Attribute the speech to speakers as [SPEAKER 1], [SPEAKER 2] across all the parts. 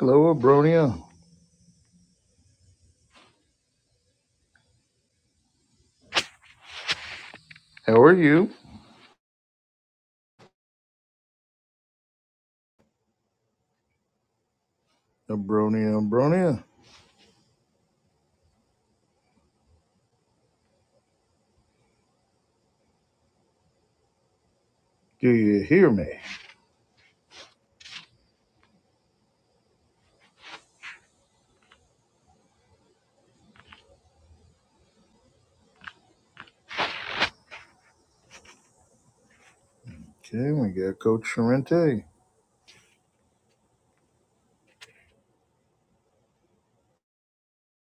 [SPEAKER 1] Hello, Abronia. How are you? Abronia, Abronia. Do you hear me? Okay, we got Coach Sorrente.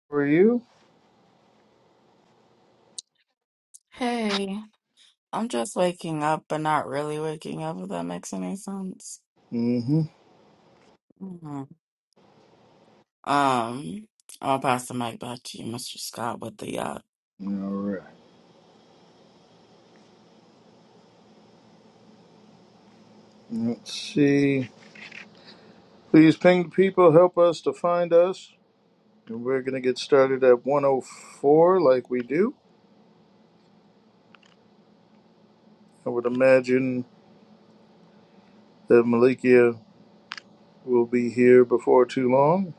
[SPEAKER 1] How are you?
[SPEAKER 2] Hey, I'm just waking up, but not really waking up, if that makes any sense.
[SPEAKER 1] Mm-hmm.
[SPEAKER 2] Mhm. Um, I'll pass the mic back to you, Mr. Scott, with the uh,
[SPEAKER 1] All right. Let's see. Please ping people. Help us to find us. And We're going to get started at 104 like we do. I would imagine that Malikia will be here before too long.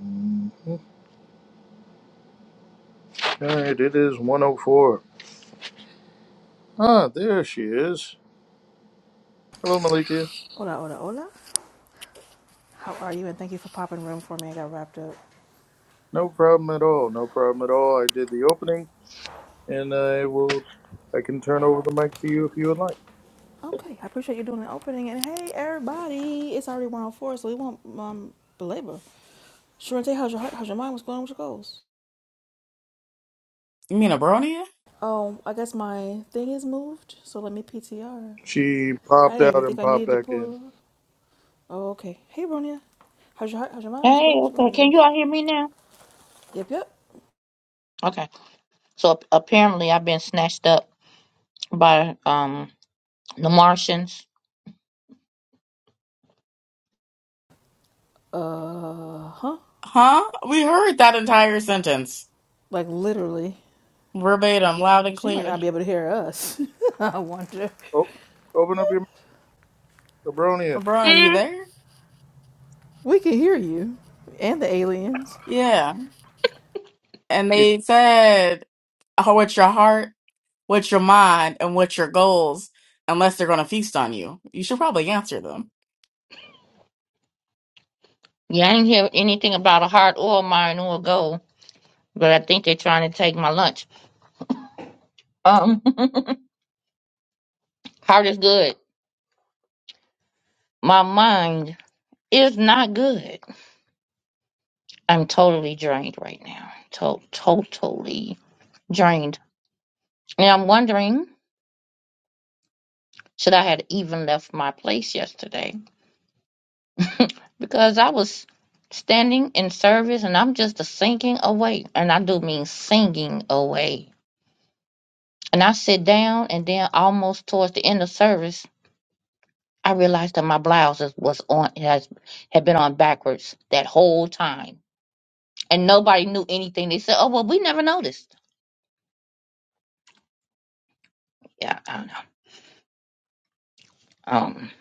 [SPEAKER 1] Mhm. All right, it is 104. Ah, there she is. Hello, Malikia.
[SPEAKER 3] Hola, hola, hola. How are you? And thank you for popping room for me. I got wrapped up.
[SPEAKER 1] No problem at all. No problem at all. I did the opening, and I will. I can turn over the mic to you if you would like.
[SPEAKER 3] Okay, I appreciate you doing the opening. And hey, everybody, it's already 104, so we won't um, belabor. Sharente, how's your heart? How's your mind? What's going on with your goals?
[SPEAKER 2] you mean a brony?
[SPEAKER 3] Oh, I guess my thing is moved, so let me PTR.
[SPEAKER 1] She
[SPEAKER 3] I
[SPEAKER 1] popped
[SPEAKER 3] didn't
[SPEAKER 1] out
[SPEAKER 3] even think
[SPEAKER 1] and
[SPEAKER 3] I
[SPEAKER 1] popped
[SPEAKER 3] needed to
[SPEAKER 1] back in.
[SPEAKER 3] pull her. Oh, okay. Hey, Bronya. How's your heart? How's your mind? What's going
[SPEAKER 4] Hey,
[SPEAKER 3] on with your
[SPEAKER 4] okay. Can you
[SPEAKER 3] goals?
[SPEAKER 4] all hear me now?
[SPEAKER 3] Yep, yep.
[SPEAKER 4] Okay. So ap- apparently I've been snatched up by um the Martians.
[SPEAKER 3] Uh huh.
[SPEAKER 2] Huh? We heard that entire sentence
[SPEAKER 3] Like literally,
[SPEAKER 2] verbatim, loud and
[SPEAKER 3] she might
[SPEAKER 2] clear.
[SPEAKER 3] not be able to hear us. I wonder.
[SPEAKER 1] Oh, open up your mic, Abronia.
[SPEAKER 2] Brony, you
[SPEAKER 4] Mm.
[SPEAKER 2] there?
[SPEAKER 3] We can hear you and the aliens.
[SPEAKER 2] Yeah. And they said, oh, what's your heart, what's your mind, and what's your goals, unless they're going to feast on you. You should probably answer them.
[SPEAKER 4] Yeah, I didn't hear anything about a hard oil mine or gold, but I think they're trying to take my lunch. Um, heart is good. My mind is not good. I'm totally drained right now. To- totally drained. And I'm wondering, should I have even left my place yesterday? because I was standing in service and I'm just a sinking away. And I do mean singing away. And I sit down and then almost towards the end of service, I realized that my blouse is- was on has had been on backwards that whole time. And nobody knew anything. They said, Oh well we never noticed. Yeah, I don't know. Um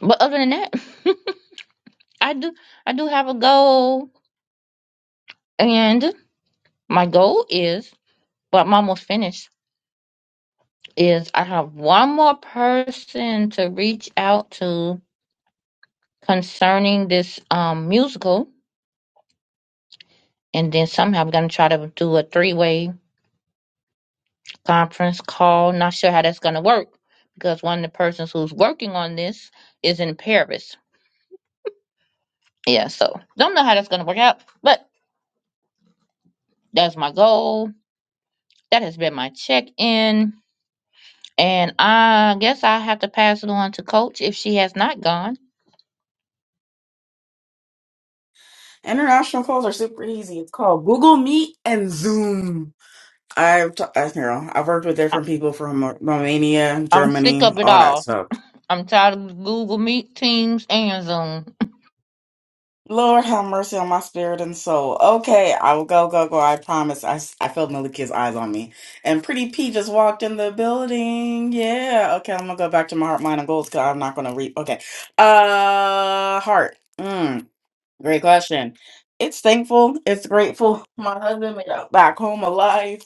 [SPEAKER 4] but other than that, I do I do have a goal and my goal is but I'm almost finished is I have one more person to reach out to concerning this um musical, and then somehow I'm gonna try to do a three way conference call. Not sure how that's gonna work because one of the persons who's working on this is in Paris. Yeah, so don't know how that's gonna work out, but that's my goal. That has been my check in, and I guess I have to pass it on to Coach if she has not gone.
[SPEAKER 2] International calls are super easy. It's called Google Meet and Zoom. I've t- I, you know I've worked with
[SPEAKER 4] I-
[SPEAKER 2] different people from Ro- Romania,
[SPEAKER 4] I'm sick
[SPEAKER 2] Germany,
[SPEAKER 4] of it
[SPEAKER 2] all that
[SPEAKER 4] all.
[SPEAKER 2] stuff.
[SPEAKER 4] I'm tired of Google Meet, Teams, and Zoom.
[SPEAKER 2] Lord have mercy on my spirit and soul. Okay, I will go, go, go. I promise. I s- I felt Malikia's eyes on me, and Pretty P just walked in the building. Yeah. Okay, I'm gonna go back to my heart, mind, and goals. Cause I'm not gonna read. Okay. Uh, heart. Mm. Great question. It's thankful. It's grateful. My husband made it back home alive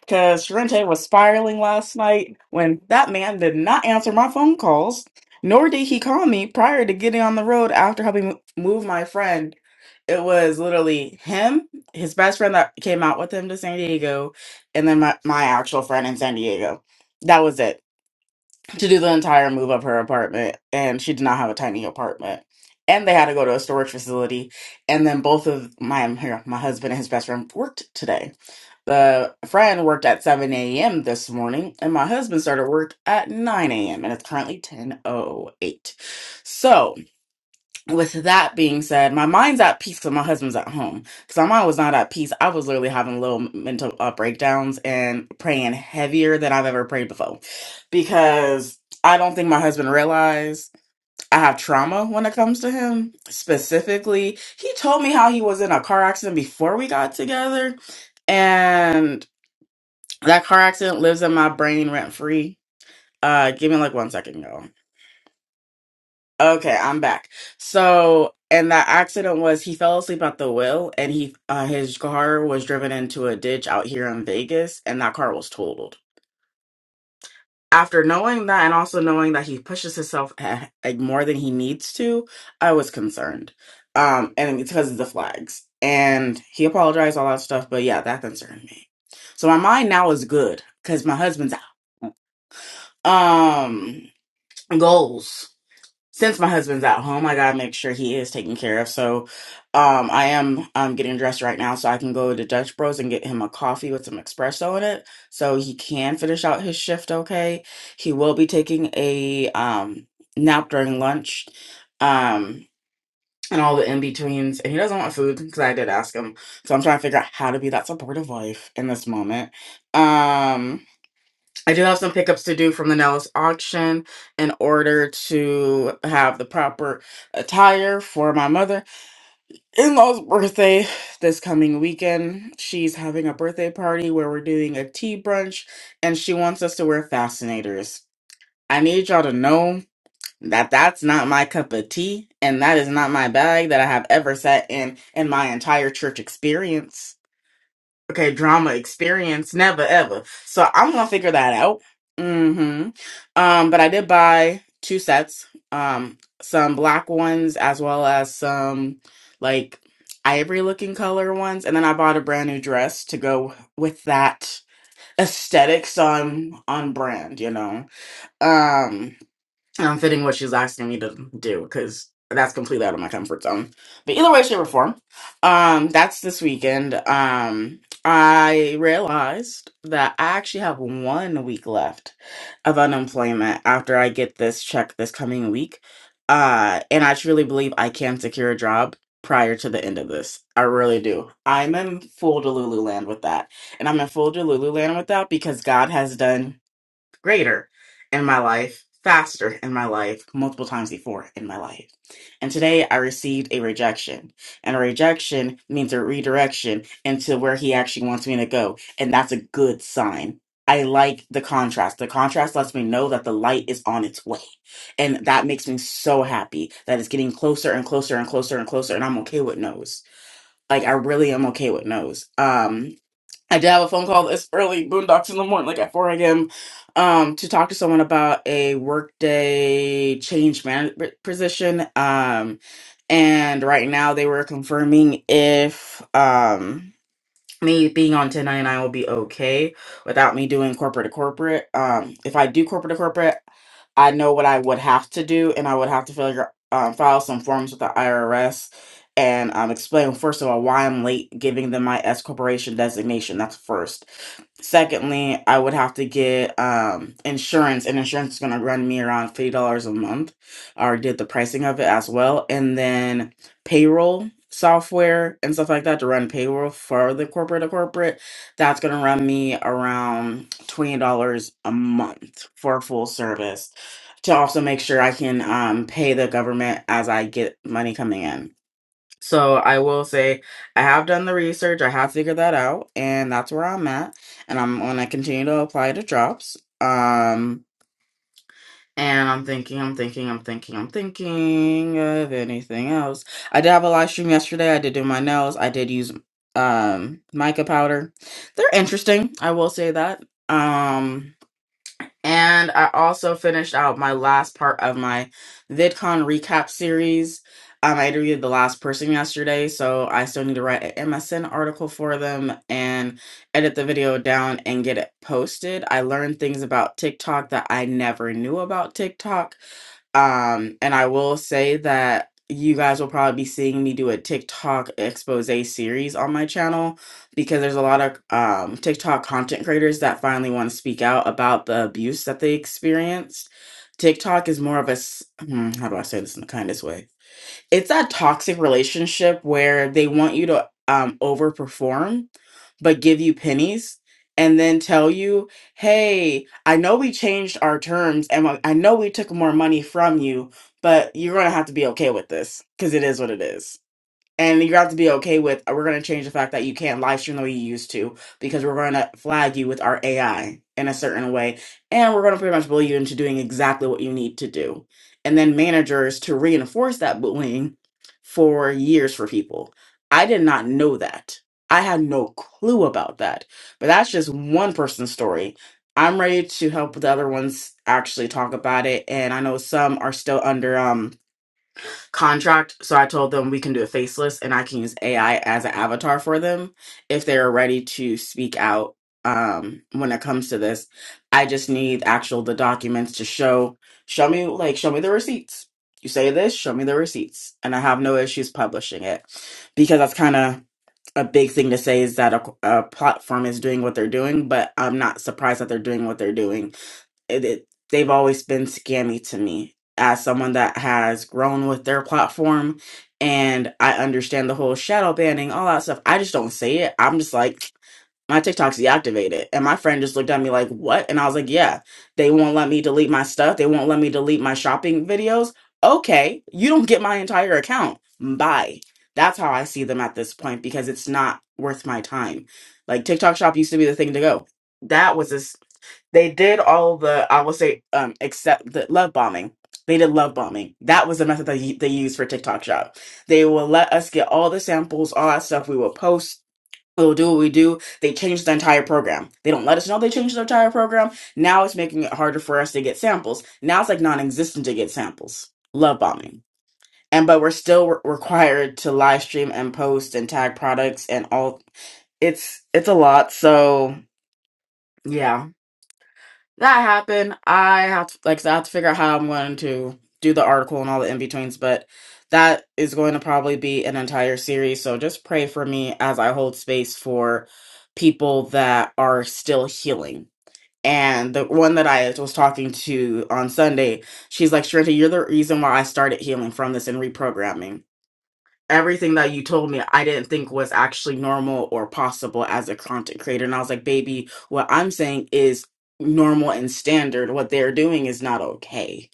[SPEAKER 2] because Sharente was spiraling last night when that man did not answer my phone calls, nor did he call me prior to getting on the road after helping mo- move my friend. It was literally him, his best friend that came out with him to San Diego, and then my, my actual friend in San Diego. That was it to do the entire move of her apartment and she did not have a tiny apartment and they had to go to a storage facility and then both of my her- my husband and his best friend worked today the friend worked at 7 a.m this morning and my husband started work at 9 a.m and it's currently 10.08 so with that being said, my mind's at peace because my husband's at home. Because my mind was not at peace. I was literally having little mental uh, breakdowns and praying heavier than I've ever prayed before. Because I don't think my husband realized I have trauma when it comes to him specifically. He told me how he was in a car accident before we got together. And that car accident lives in my brain rent free. Uh, give me like one second, y'all. Okay, I'm back. So, and that accident was he fell asleep at the wheel, and he uh, his car was driven into a ditch out here in Vegas, and that car was totaled. After knowing that, and also knowing that he pushes himself eh, like more than he needs to, I was concerned. Um, and it's because of the flags, and he apologized, all that stuff. But yeah, that concerned me. So my mind now is good because my husband's out. Um, goals. since my husband's at home, I gotta make sure he is taken care of. So, um, I am um getting dressed right now so I can go to Dutch Bros and get him a coffee with some espresso in it, so he can finish out his shift. Okay, he will be taking a um nap during lunch, um, and all the in betweens, and he doesn't want food because I did ask him. So I'm trying to figure out how to be that supportive wife in this moment. Um I do have some pickups to do from the Nellis auction in order to have the proper attire for my mother in law's birthday this coming weekend. She's having a birthday party where we're doing a tea brunch and she wants us to wear fascinators. I need y'all to know that that's not my cup of tea and that is not my bag that I have ever sat in in my entire church experience. Okay, drama experience, never ever. So I'm gonna figure that out. Mm-hmm. Um, but I did buy two sets, um, some black ones as well as some like ivory looking color ones, and then I bought a brand new dress to go with that aesthetics on on brand, you know. Um I'm fitting what she's asking me to do because that's completely out of my comfort zone. But either way, shape, or form, um, that's this weekend. Um, I realized that I actually have one week left of unemployment after I get this check this coming week. Uh, and I truly believe I can secure a job prior to the end of this. I really do. I'm in full Delulu land with that. And I'm in full Delulu land with that because God has done greater in my life, faster in my life, multiple times before in my life. And today I received a rejection. And a rejection means a redirection into where he actually wants me to go. And that's a good sign. I like the contrast. The contrast lets me know that the light is on its way. And that makes me so happy that it's getting closer and closer and closer and closer. And I'm okay with no's. Like I really am okay with no's. Um, I did have a phone call this early, boondocks in the morning, like at 4 a.m., um, to talk to someone about a workday change management position. Um, and right now they were confirming if, um, me being on 1099 will be okay without me doing corporate to corporate. Um, if I do corporate to corporate, I know what I would have to do, and I would have to figure, um, file some forms with the IRS and um, explain, first of all, why I'm late giving them my S corporation designation. That's first. Secondly, I would have to get um insurance, and insurance is going to run me around fifty dollars a month. I already did the pricing of it as well, and then payroll software and stuff like that to run payroll for the corporate to corporate. That's going to run me around twenty dollars a month for full service to also make sure I can um pay the government as I get money coming in. So I will say I have done the research, I have figured that out, and that's where I'm at. And I'm gonna continue to apply to jobs. Um and I'm thinking, I'm thinking, I'm thinking, I'm thinking of anything else. I did have a live stream yesterday. I did do my nails. I did use um mica powder. They're interesting. I will say that. Um and I also finished out my last part of my VidCon recap series. Um, I interviewed the last person yesterday, so I still need to write an MSN article for them and edit the video down and get it posted. I learned things about TikTok that I never knew about TikTok um, and I will say that you guys will probably be seeing me do a TikTok expose series on my channel because there's a lot of um, TikTok content creators that finally want to speak out about the abuse that they experienced. TikTok is more of a, s- hmm, how do I say this in the kindest way? it's that toxic relationship where they want you to um overperform but give you pennies and then tell you hey i know we changed our terms and i I know we took more money from you but you're gonna have to be okay with this because it is what it is and you have to be okay with uh, we're going to change the fact that you can't live stream the way you used to because we're going to flag you with our AI in a certain way. And we're going to pretty much bully you into doing exactly what you need to do. And then managers to reinforce that bullying for years for people. I did not know that. I had no clue about that. But that's just one person's story. I'm ready to help the other ones actually talk about it. And I know some are still under um contract. So I told them we can do a faceless and I can use AI as an avatar for them if they're ready to speak out um when it comes to this. I just need actual the documents to show show me like show me the receipts. You say this, show me the receipts. And I have no issues publishing it because that's kind of a big thing to say is that a, a platform is doing what they're doing, but I'm not surprised that they're doing what they're doing it, it they've always been scammy to me as someone that has grown with their platform and I understand the whole shadow banning, all that stuff. I just don't say it. I'm just like my TikTok's deactivated. And my friend just looked at me like, what? And I was like, yeah, they won't let me delete my stuff. They won't let me delete my shopping videos. Okay, you don't get my entire account. Bye. That's how I see them at this point because it's not worth my time. Like TikTok shop used to be the thing to go. That was this they did all the I will say um except the love bombing. They did love bombing. That was the method that they they used for TikTok Shop. They will let us get all the samples, all that stuff. We will post. We'll do what we do. They changed the entire program. They don't let us know they changed the entire program. Now it's making it harder for us to get samples. Now it's like non-existent to get samples. Love bombing. And but we're still re- required to live stream and post and tag products and all. It's it's a lot. So yeah that happened. I have to like I have to figure out how I'm going to do the article and all the in betweens, but that is going to probably be an entire series. So just pray for me as I hold space for people that are still healing. And the one that I was talking to on Sunday, she's like, Sharenta, you're the reason why I started healing from this and reprogramming everything that you told me i didn't think was actually normal or possible as a content creator and i was like baby what i'm saying is normal and standard what they're doing is not okay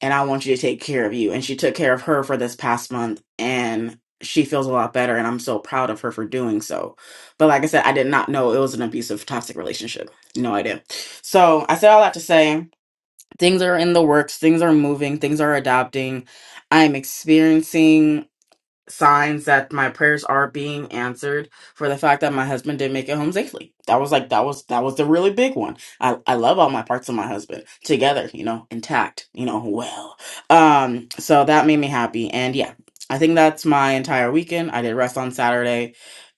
[SPEAKER 2] and i want you to take care of you and she took care of her for this past month and she feels a lot better and i'm so proud of her for doing so but like i said i did not know it was an abusive toxic relationship no idea so i said all that to say things are in the works things are moving things are adapting i'm experiencing signs that my prayers are being answered for the fact that my husband did make it home safely. That was like that was that was the really big one. I I love all my parts of my husband together, you know, intact, you know, well. Um so that made me happy and yeah. I think that's my entire weekend. I did rest on Saturday.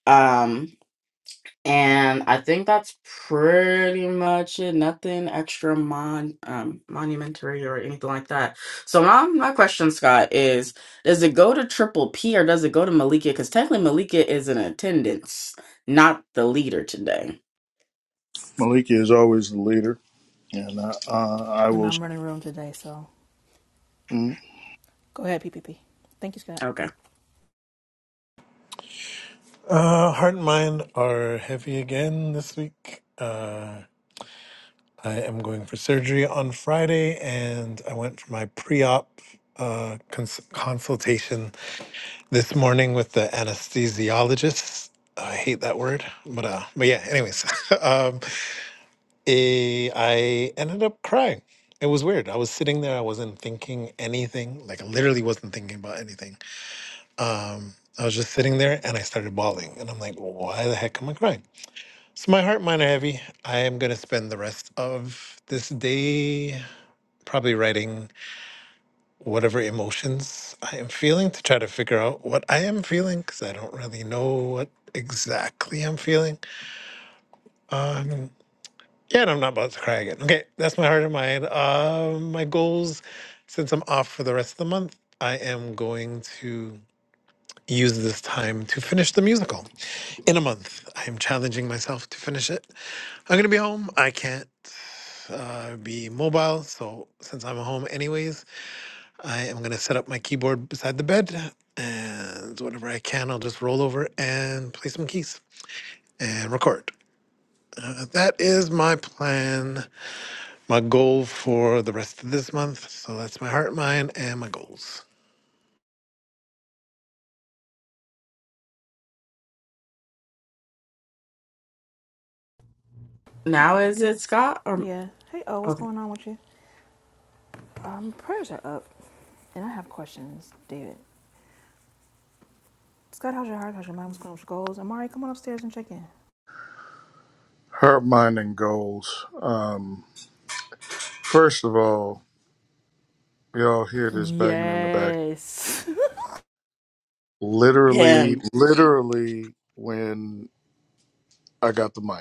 [SPEAKER 2] Um and I think that's pretty much it. Nothing extra mon um monumentary or anything like that. So my my question, Scott, is does it go to Triple P or does it go to Malika? Because technically Malika is in attendance, not the leader today.
[SPEAKER 1] Malika is always the leader, and uh, uh, I
[SPEAKER 3] And
[SPEAKER 1] will.
[SPEAKER 3] I'm running room today, so
[SPEAKER 1] Mm.
[SPEAKER 3] go ahead, P P P. Thank you, Scott.
[SPEAKER 2] Okay.
[SPEAKER 5] Uh, heart and mind are heavy again this week. Uh, I am going for surgery on Friday, and I went for my pre-op uh, cons- consultation this morning with the anesthesiologist. I hate that word, but uh, but yeah. Anyways, um, eh, I ended up crying. It was weird. I was sitting there. I wasn't thinking anything. Like I literally wasn't thinking about anything. Um, I was just sitting there, and I started bawling. And I'm like, why the heck am I crying? So my heart, mine are heavy. I am going to spend the rest of this day probably writing whatever emotions I am feeling to try to figure out what I am feeling because I don't really know what exactly I'm feeling. Um, yeah, and I'm not about to cry again. Okay, that's my heart and mind. Uh, my goals, since I'm off for the rest of the month, I am going to use this time to finish the musical in a month. I am challenging myself to finish it. I'm going to be home. I can't. uh, be mobile. So since I'm home anyways, I am gonna set up my keyboard beside the bed, and whenever I can, I'll just roll over and play some keys and record. Uh, that is my plan, my goal for the rest of this month. So that's my heart, mind, and my goals.
[SPEAKER 3] Okay,
[SPEAKER 2] Now is
[SPEAKER 3] okay.
[SPEAKER 2] it Scott or
[SPEAKER 3] Yeah. Hey, oh, what's
[SPEAKER 2] okay.
[SPEAKER 3] going on with you? Um, prayers are up, and I have questions, David. Scott, how's your heart? How's your mind? What's going on with your goals? Amari, come on upstairs and check in.
[SPEAKER 1] Her mind and goals. Um, first of all, y'all hear this banging in the back.
[SPEAKER 3] Yes.
[SPEAKER 1] Literally,
[SPEAKER 2] Him.
[SPEAKER 1] literally, when I got the mic.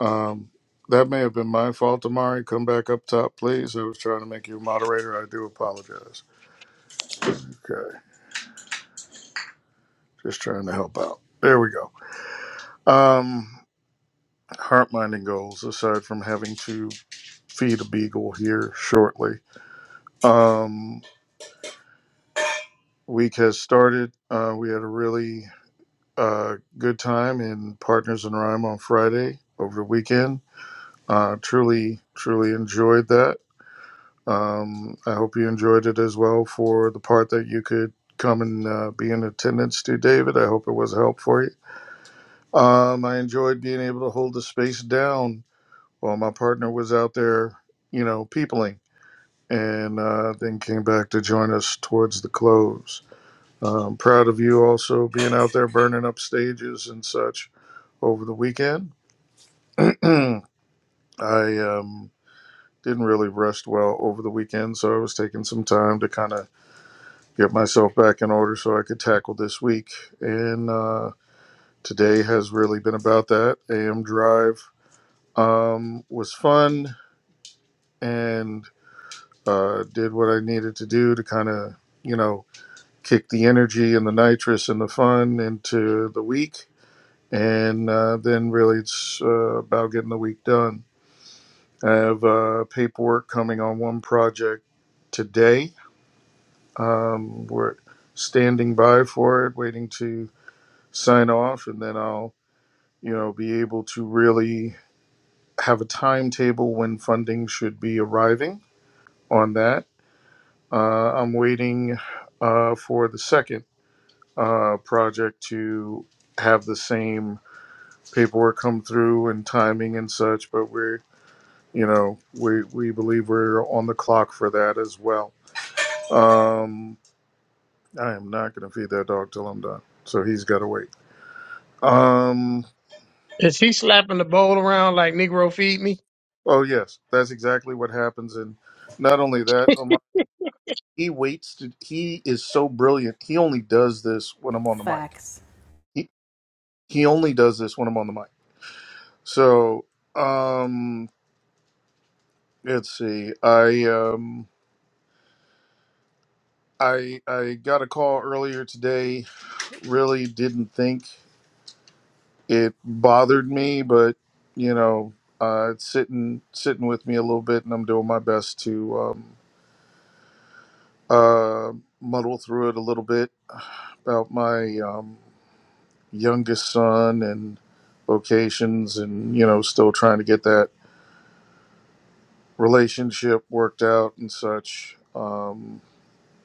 [SPEAKER 1] Um, that may have been my fault, Amari. Come back up top, please. I was trying to make you a moderator. I do apologize. Okay, just trying to help out. There we go. Um, heart minding goals. Aside from having to feed a beagle here shortly, um, week has started. Uh, we had a really uh, good time in Partners in Rhyme on Friday over the weekend. Uh, truly, truly enjoyed that Um, I hope you enjoyed it as well for the part that you could come and uh, be in attendance to, David. I hope it was a help for you. Um, I enjoyed being able to hold the space down while my partner was out there, you know, peopling, and uh, then came back to join us towards the close. Um, proud of you also being out there burning up stages and such over the weekend. I um, didn't really rest well over the weekend, so I was taking some time to kind of get myself back in order so I could tackle this week. And uh, today has really been about that. AM Drive um, was fun and uh, did what I needed to do to kind of, you know, kick the energy and the nitrous and the fun into the week. And uh, then really it's uh, about getting the week done. I have uh, paperwork coming on one project today. Um, we're standing by for it, waiting to. sign off and then I'll, you know, be able to really have a timetable when funding should be arriving on that. Uh, I'm waiting uh, for the second uh, project to have the same paperwork come through and timing and such, but we're, you know, we, we believe we're on the clock for that as well. Um, I am not going to feed that dog till I'm done. So he's got to wait. Um,
[SPEAKER 6] Is he slapping the bowl around like Negro feed me?
[SPEAKER 1] Oh yes, that's exactly what happens. And not only that, oh my, he waits to. He is so brilliant. He only does this when I'm on the mic.
[SPEAKER 3] Facts.
[SPEAKER 1] He he only does this when I'm on the mic. So um, let's see. I um, I I got a call earlier today. Really didn't think it bothered me, but you know, uh, it's sitting sitting with me a little bit, and I'm doing my best to um, uh, muddle through it a little bit about my um, youngest son and vocations and you know still trying to get that relationship worked out and such um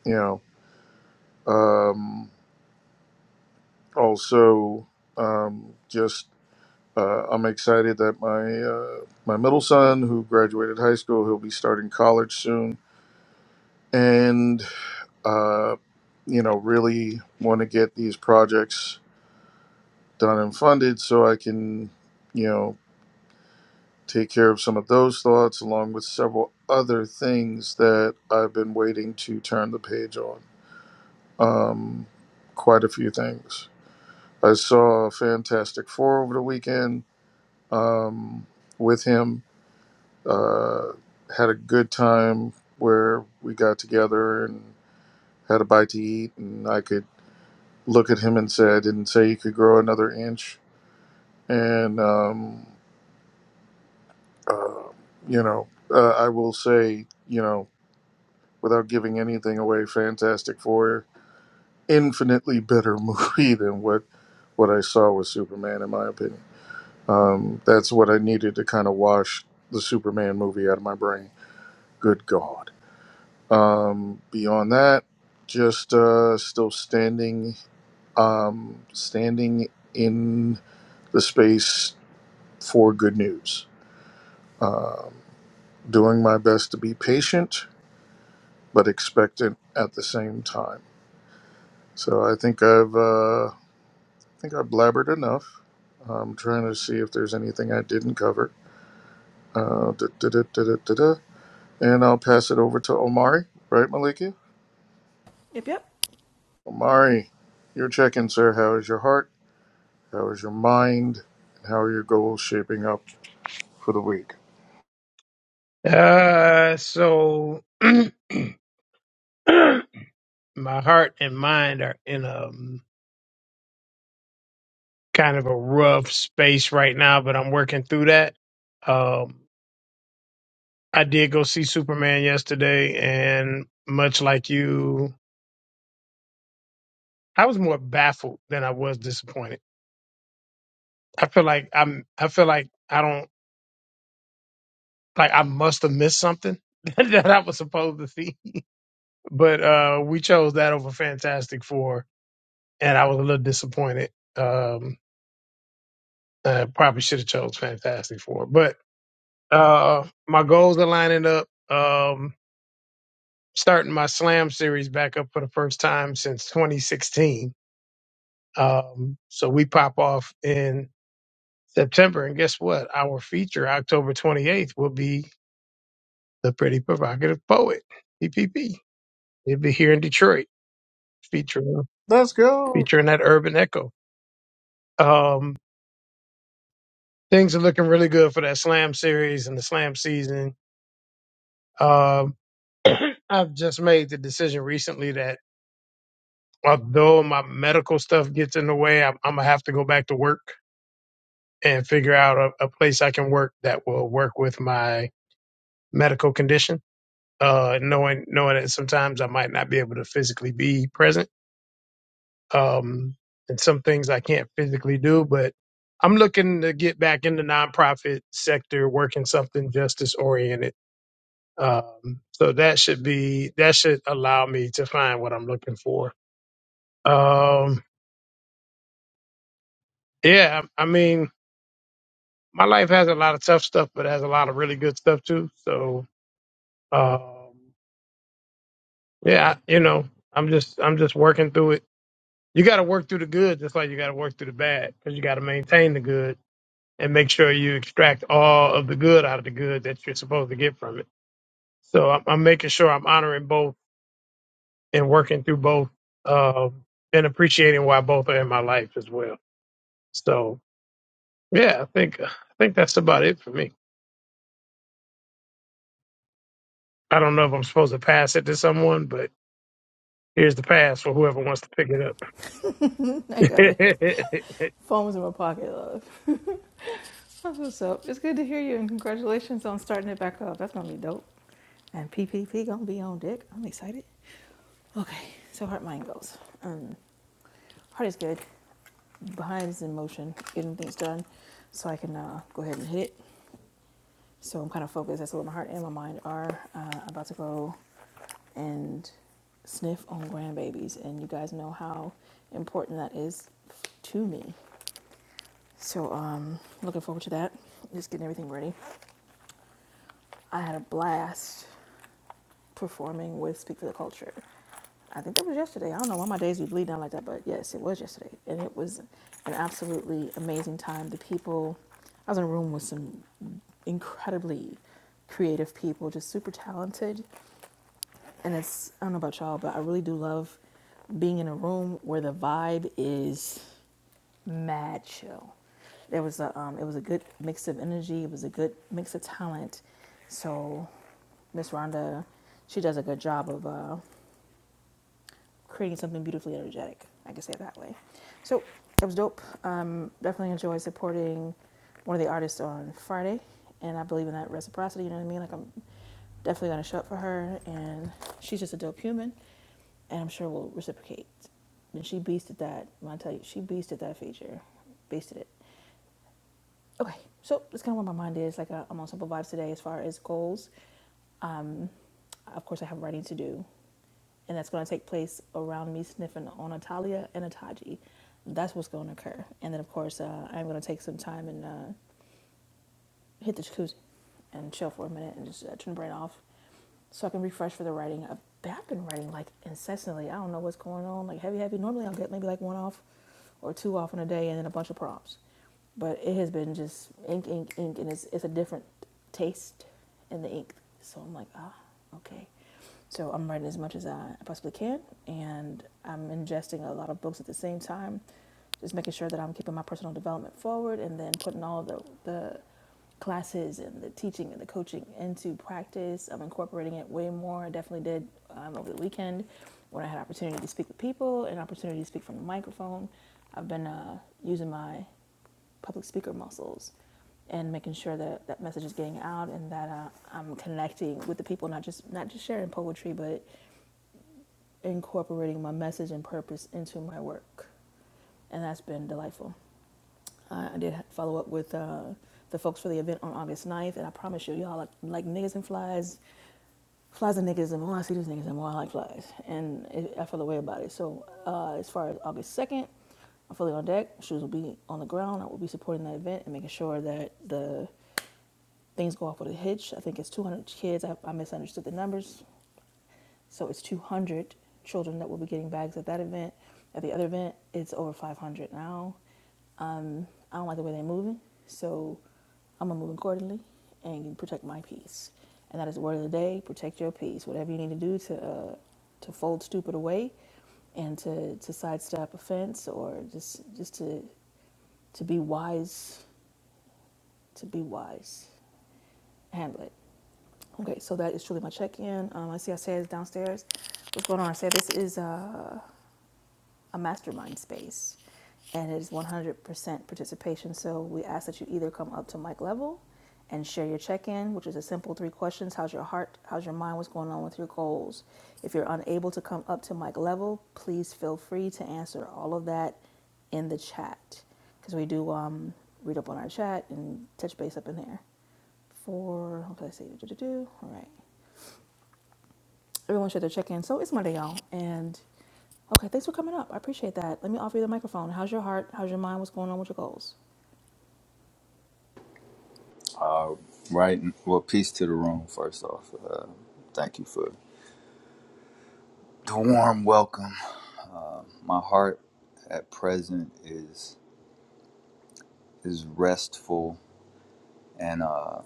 [SPEAKER 1] you know um also um just uh, I'm excited that my uh, my middle son, who graduated high school, he'll be starting college soon, and uh, you know really want to get these projects done and funded so I can, you know, take care of some of those thoughts along with several other things that I've been waiting to turn the page on. Um, quite a few things. I saw Fantastic Four over the weekend um, with him. Uh, had a good time where we got together and had a bite to eat, and I could look at him and say, I didn't say he could grow another inch. And, um, uh, you know, uh, I will say, you know, without giving anything away, Fantastic Four, infinitely better movie than what what I saw with Superman, in my opinion. Um, that's what I needed to kind of wash the Superman movie out of my brain. Good God. Um, beyond that, just uh, still standing, um, standing in the space for good news. Um, doing my best to be patient but expectant at the same time. So I think I've uh, I think I blabbered enough. I'm trying to see if there's anything I didn't cover. Uh, da, da, da, da, da, da, da. And I'll pass it over to Omari, right, Maliki?
[SPEAKER 3] Yep, yep.
[SPEAKER 1] Omari, your check in, sir. How is your heart? How is your mind? And how are your goals shaping up for the week?
[SPEAKER 6] Uh, so my heart and mind are in a um, kind of a rough space right now, but I'm working through that. Um, I did go see Superman yesterday, and much like you, I was more baffled than I was disappointed. I feel like I'm. I feel like I don't like I must have missed something that I was supposed to see. But uh, we chose that over Fantastic Four and I was a little disappointed. Um, I probably should have chose Fantastic Four, but uh, my goals are lining up. Um, starting my Slam series back up for the first time since 2016. Um, so we pop off in September, and guess what? Our feature, October 28th, will be the Pretty Provocative Poet (PPP). It'll be here in Detroit, featuring
[SPEAKER 1] Let's go,
[SPEAKER 6] featuring that urban echo. Um, things are looking really good for that slam series and the slam season Um, I've just made the decision recently that although my medical stuff gets in the way, I'm, I'm gonna have to go back to work and figure out a, a place I can work that will work with my medical condition. Uh, knowing knowing that sometimes I might not be able to physically be present, um, and some things I can't physically do, but I'm looking to get back in the nonprofit sector, working something justice oriented. Um, so that should be that should allow me to find what I'm looking for Um, yeah, I mean, my life has a lot of tough stuff, but it has a lot of really good stuff too. So, um, yeah, I- you know, I'm just I'm just working through it. You got to work through the good, just like you got to work through the bad, because you got to maintain the good and make sure you extract all of the good out of the good that you're supposed to get from it. So I'm, I'm making sure I'm honoring both and working through both, um, and appreciating why both are in my life as well. So yeah, I think I think that's about it for me. I don't know if I'm supposed to pass it to someone, but here's the pass for whoever wants to pick it
[SPEAKER 3] I got it.
[SPEAKER 6] up.
[SPEAKER 3] Phone was in my pocket, love. That's what's up. It's good to hear you and congratulations on starting it back up. That's gonna be dope. And P P P gonna be on deck. I'm excited. Okay, so heart mind goes. Um, heart is good. Behind is in motion, getting things done, so I can uh, go ahead and hit it. So I'm kind of focused. That's what my heart and my mind are. Uh, about to go and sniff on grandbabies, and you guys know how important that is to me. So um, looking forward to that. Just getting everything ready. I had a blast performing with Speak for the Culture. I think that was yesterday. I don't know why my days be bleeding out like that, but yes, it was yesterday. And it was an absolutely amazing time. The people, I was in a room with some incredibly creative people, just super talented. And it's, I don't know about y'all, but I really do love being in a room where the vibe is mad chill. There was a, um, it was a good mix of energy. It was a good mix of talent. So Miss Rhonda, she does a good job of uh, creating something beautifully energetic. I can say it that way. So that was dope. Um, definitely enjoy supporting one of the artists on Friday, and I believe in that reciprocity. You know what I mean? Like I'm definitely gonna show up for her, and she's just a dope human, and I'm sure we will reciprocate. And she beasted that. When I tell you, she beasted that feature, beasted it. Okay, so that's kind of where my mind is. Like, uh, I'm on simple vibes today as far as goals. Um, of course, I have writing to do, and that's going to take place around me sniffing on Atalia and Ataji. That's what's going to occur. And then, of course, uh, I'm going to take some time and uh, hit the jacuzzi and chill for a minute and just uh, turn the brain off so I can refresh for the writing. I've, I've been writing like incessantly. I don't know what's going on, like heavy, heavy. Normally, I'll get maybe like one off or two off in a day and then a bunch of props. But it has been just ink, ink, ink, and it's, it's a different taste in the ink. So I'm like, ah, okay. So I'm writing as much as I possibly can, and I'm ingesting a lot of books at the same time, just making sure that I'm keeping my personal development forward and then putting all the, the classes and the teaching and the coaching into practice. I'm incorporating it way more. I definitely did um, over the weekend when I had opportunity to speak with people and opportunity to speak from the microphone. I've been uh, using my public speaker muscles and making sure that that message is getting out and that uh, I'm connecting with the people, not just not just sharing poetry, but incorporating my message and purpose into my work, and that's been delightful. I, I did follow up with uh, the folks for the event on August ninth, and I promise you, y'all like, like niggas and flies. Flies and niggas, and more I see these niggas, and more I like flies. And it, I feel the way about it. So, uh, as far as August 2nd, I'm fully on deck. Shoes will be on the ground. I will be supporting that event and making sure that the things go off with a hitch. I think it's 200 kids. I, I misunderstood the numbers. So it's 200 children that will be getting bags at that event. At the other event, it's over 500 now. Um, I don't like the way they're moving, so I'm gonna move accordingly and protect my peace. And that is the word of the day: protect your peace. Whatever you need to do to uh, to fold stupid away, and to to sidestep offense, or just just to to be wise, to be wise, handle it. Okay, so that is truly my check-in. Um, I see I said it's downstairs. What's going on? I said this is a, a mastermind space, and it is 100% participation. So we ask that you either come up to mic level and share your check-in, which is a simple three questions: How's your heart? How's your mind? What's going on with your goals? If you're unable to come up to mic level, please feel free to answer all of that in the chat, because we do um, read up on our chat and touch base up in there for okay, let's see, do do do. All right. Everyone should have check in. So it's Monday, y'all. And okay, thanks for coming up. I appreciate that. Let me offer you the microphone. How's your heart? How's your mind? What's going on with your goals?
[SPEAKER 7] Right. Well, peace to the room, first off. Uh, thank you for the warm welcome. My heart at present is is restful and uh,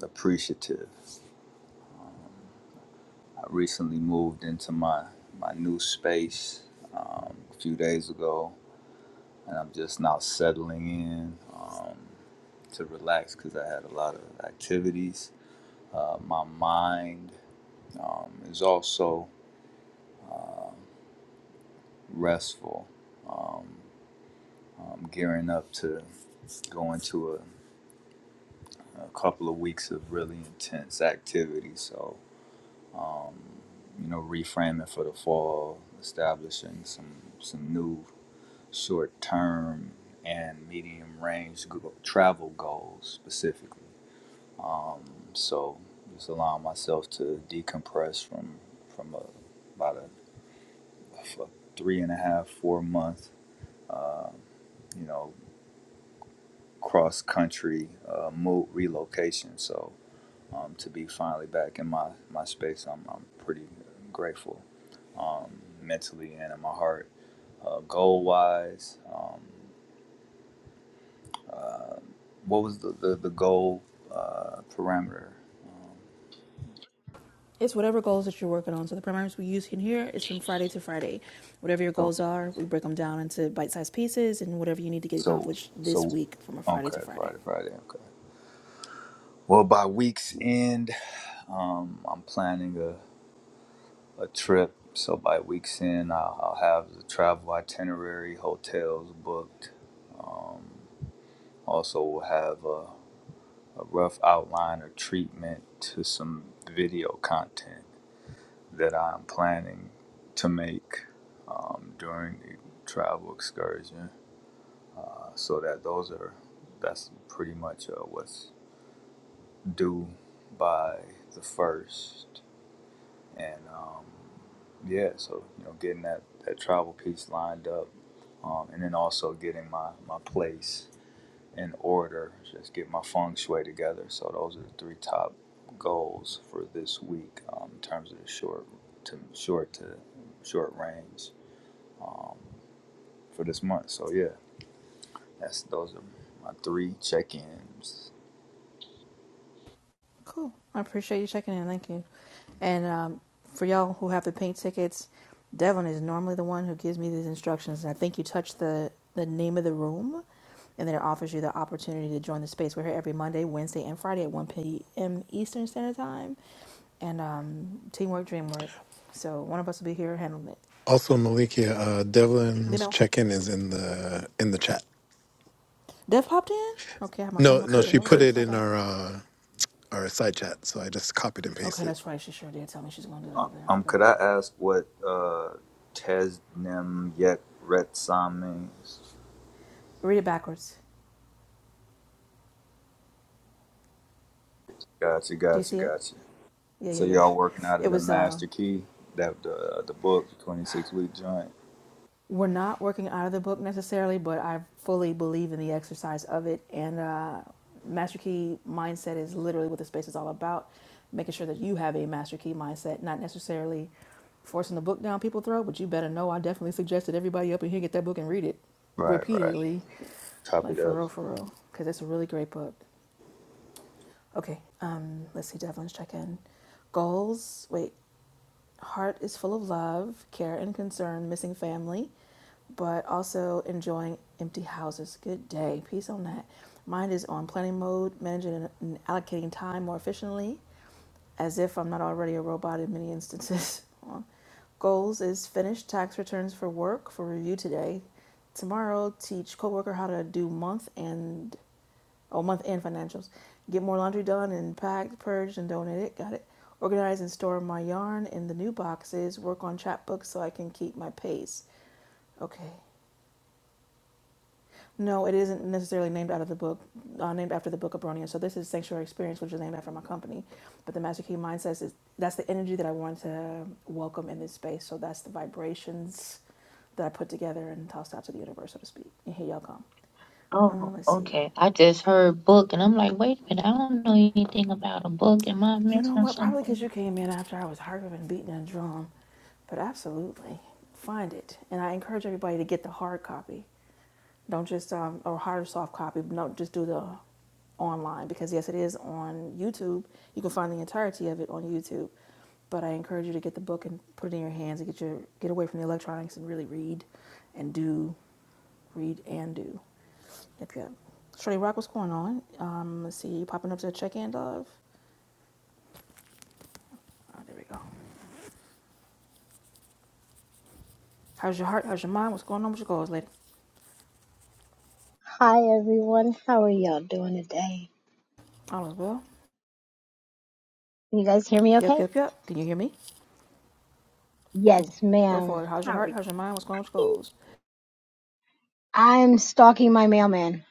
[SPEAKER 7] appreciative. I recently moved into my, my new space um, a few days ago, and I'm just now settling in um, to relax because I had a lot of activities. Uh, my mind um, is also restful I'm gearing up to go into a, a couple of weeks of really intense activity. So, um, you know, reframing for the fall, establishing some some new short term and medium range travel goals specifically. Um, so, just allowing myself to decompress from from a, about a, a three and a half four month. Uh, you know, cross country uh, move relocation. So um, to be finally back in my, my space, I'm, I'm pretty grateful um, mentally and in my heart. Uh, goal wise, um, what was the, the, the goal uh, parameter?
[SPEAKER 3] It's whatever goals that you're working on. So the primers we use in here is from Friday to Friday. Whatever your
[SPEAKER 7] So,
[SPEAKER 3] goals are, we break them down into bite-sized pieces and whatever you need to get
[SPEAKER 7] so,
[SPEAKER 3] accomplished this
[SPEAKER 7] so,
[SPEAKER 3] week from a Friday
[SPEAKER 7] okay,
[SPEAKER 3] to Friday.
[SPEAKER 7] Friday, Friday, okay. Well, by week's end, um, I'm planning a, a trip. So by week's end, I'll, I'll have the travel itinerary, hotels booked. Also, we will have a a rough outline or treatment to some video content that I'm planning to make um, during the travel excursion. Uh, so that those are that's pretty much uh, what's due by the first, and um, yeah, so you know, getting that that travel piece lined up, um, and then also getting my my place. in order, just get my feng shui together. So those are the three top goals for this week um, in terms of the short to short to short range for this month. So yeah, that's those are my three check-ins.
[SPEAKER 3] Cool. I appreciate you checking in. Thank you. And um, for y'all who have the pink tickets, Devlin is normally the one who gives me these instructions. And I think you touch the, the name of the room, and then it offers you the opportunity to join the space. We're here every Monday, Wednesday, and Friday at 1 p.m. Eastern Standard Time. And um, teamwork, dreamwork. So one of us will be here handling it.
[SPEAKER 5] Also, Malikia, uh, Devlin's
[SPEAKER 3] Demo.
[SPEAKER 5] check-in is in the in the chat.
[SPEAKER 3] Dev popped in? Okay, I have my phone in
[SPEAKER 5] No,
[SPEAKER 3] my
[SPEAKER 5] no,
[SPEAKER 7] Could
[SPEAKER 3] pocket.
[SPEAKER 5] she
[SPEAKER 3] Well, let's
[SPEAKER 5] put
[SPEAKER 3] go
[SPEAKER 7] could
[SPEAKER 5] it
[SPEAKER 3] slide
[SPEAKER 5] in
[SPEAKER 3] back.
[SPEAKER 5] our uh, our side chat, so I just copied and
[SPEAKER 3] Okay,
[SPEAKER 5] pasted.
[SPEAKER 3] that's right. She sure did tell me she's going to do that
[SPEAKER 7] uh,
[SPEAKER 3] over there. I
[SPEAKER 7] um could
[SPEAKER 3] forgot.
[SPEAKER 7] I ask what uh Tesnim Yet Retsam means?
[SPEAKER 3] Read it backwards.
[SPEAKER 7] Gotcha,
[SPEAKER 3] Do you
[SPEAKER 7] gotcha,
[SPEAKER 3] see it?
[SPEAKER 7] gotcha.
[SPEAKER 3] Yeah, yeah,
[SPEAKER 7] So
[SPEAKER 3] yeah.
[SPEAKER 7] y'all working out
[SPEAKER 3] It
[SPEAKER 7] of the
[SPEAKER 3] was uh,
[SPEAKER 7] master key that the the book, twenty six week joint.
[SPEAKER 3] We're not working out of the book necessarily, but I fully believe in the exercise of it. And uh, Master Key mindset is literally what the space is all about making sure that you have a Master Key mindset, not necessarily forcing the book down people's throat, but you better know I definitely suggest that everybody up in here get that book and read it
[SPEAKER 7] Right, right.
[SPEAKER 3] repeatedly.
[SPEAKER 7] Copy
[SPEAKER 3] Like for
[SPEAKER 7] that.
[SPEAKER 3] real, for real. Because it's a really great book. Okay, um, let's see, Devlin's check in. Goals, wait, heart is full of love, care and concern, missing family but also enjoying empty houses. Good day. Peace on that. Mine is on planning mode, managing and allocating time more efficiently, as if I'm not already a robot in many instances. Goals is finish tax returns for work for review today. Tomorrow, teach coworker how to do month and oh month end financials. Get more laundry done and packed, purged, and donate it. Got it. Organize and store my yarn in the new boxes. Work on chapbooks so I can keep my pace. Okay. No, it isn't necessarily named out of the book, uh, named after the book of Bronia. So this is Sanctuary Experience, which is named after my company. But the Master Key Mindset is that's the energy that I want to welcome in this space. So that's the vibrations that I put together and tossed out to the universe, so to speak. And here y'all come. Uh,
[SPEAKER 4] Oh,
[SPEAKER 3] let's see.
[SPEAKER 4] okay. I just heard book and I'm like, wait a minute, I don't know anything about a book. Am I
[SPEAKER 3] You know
[SPEAKER 4] missing
[SPEAKER 3] what? Probably because
[SPEAKER 4] something?
[SPEAKER 3] you came in after I was harping and beating a drum. But absolutely, find it. And I encourage everybody to get the hard copy. Don't just um, or hard or soft copy. but Don't just do the online because yes, it is on YouTube. You can find the entirety of it on YouTube. But I encourage you to get the book and put it in your hands and get your get away from the electronics and really read and do, read and do. Yep, yep. Shorty Rock, what's going on? Um, let's see, you popping up to the check-in, love. Oh, there we go. How's your heart? How's your mind? What's going on with your goals, lady?
[SPEAKER 8] Hi everyone, how are y'all doing today?
[SPEAKER 3] All is well.
[SPEAKER 8] Can you guys hear me
[SPEAKER 3] Yep,
[SPEAKER 8] okay?
[SPEAKER 3] yep, yep. Can you hear me? Cool.
[SPEAKER 8] Yes,
[SPEAKER 3] Go
[SPEAKER 8] ma'am.
[SPEAKER 3] for it. How's your heart? How's your mind? What's going on with your goals?
[SPEAKER 8] I'm stalking my mailman.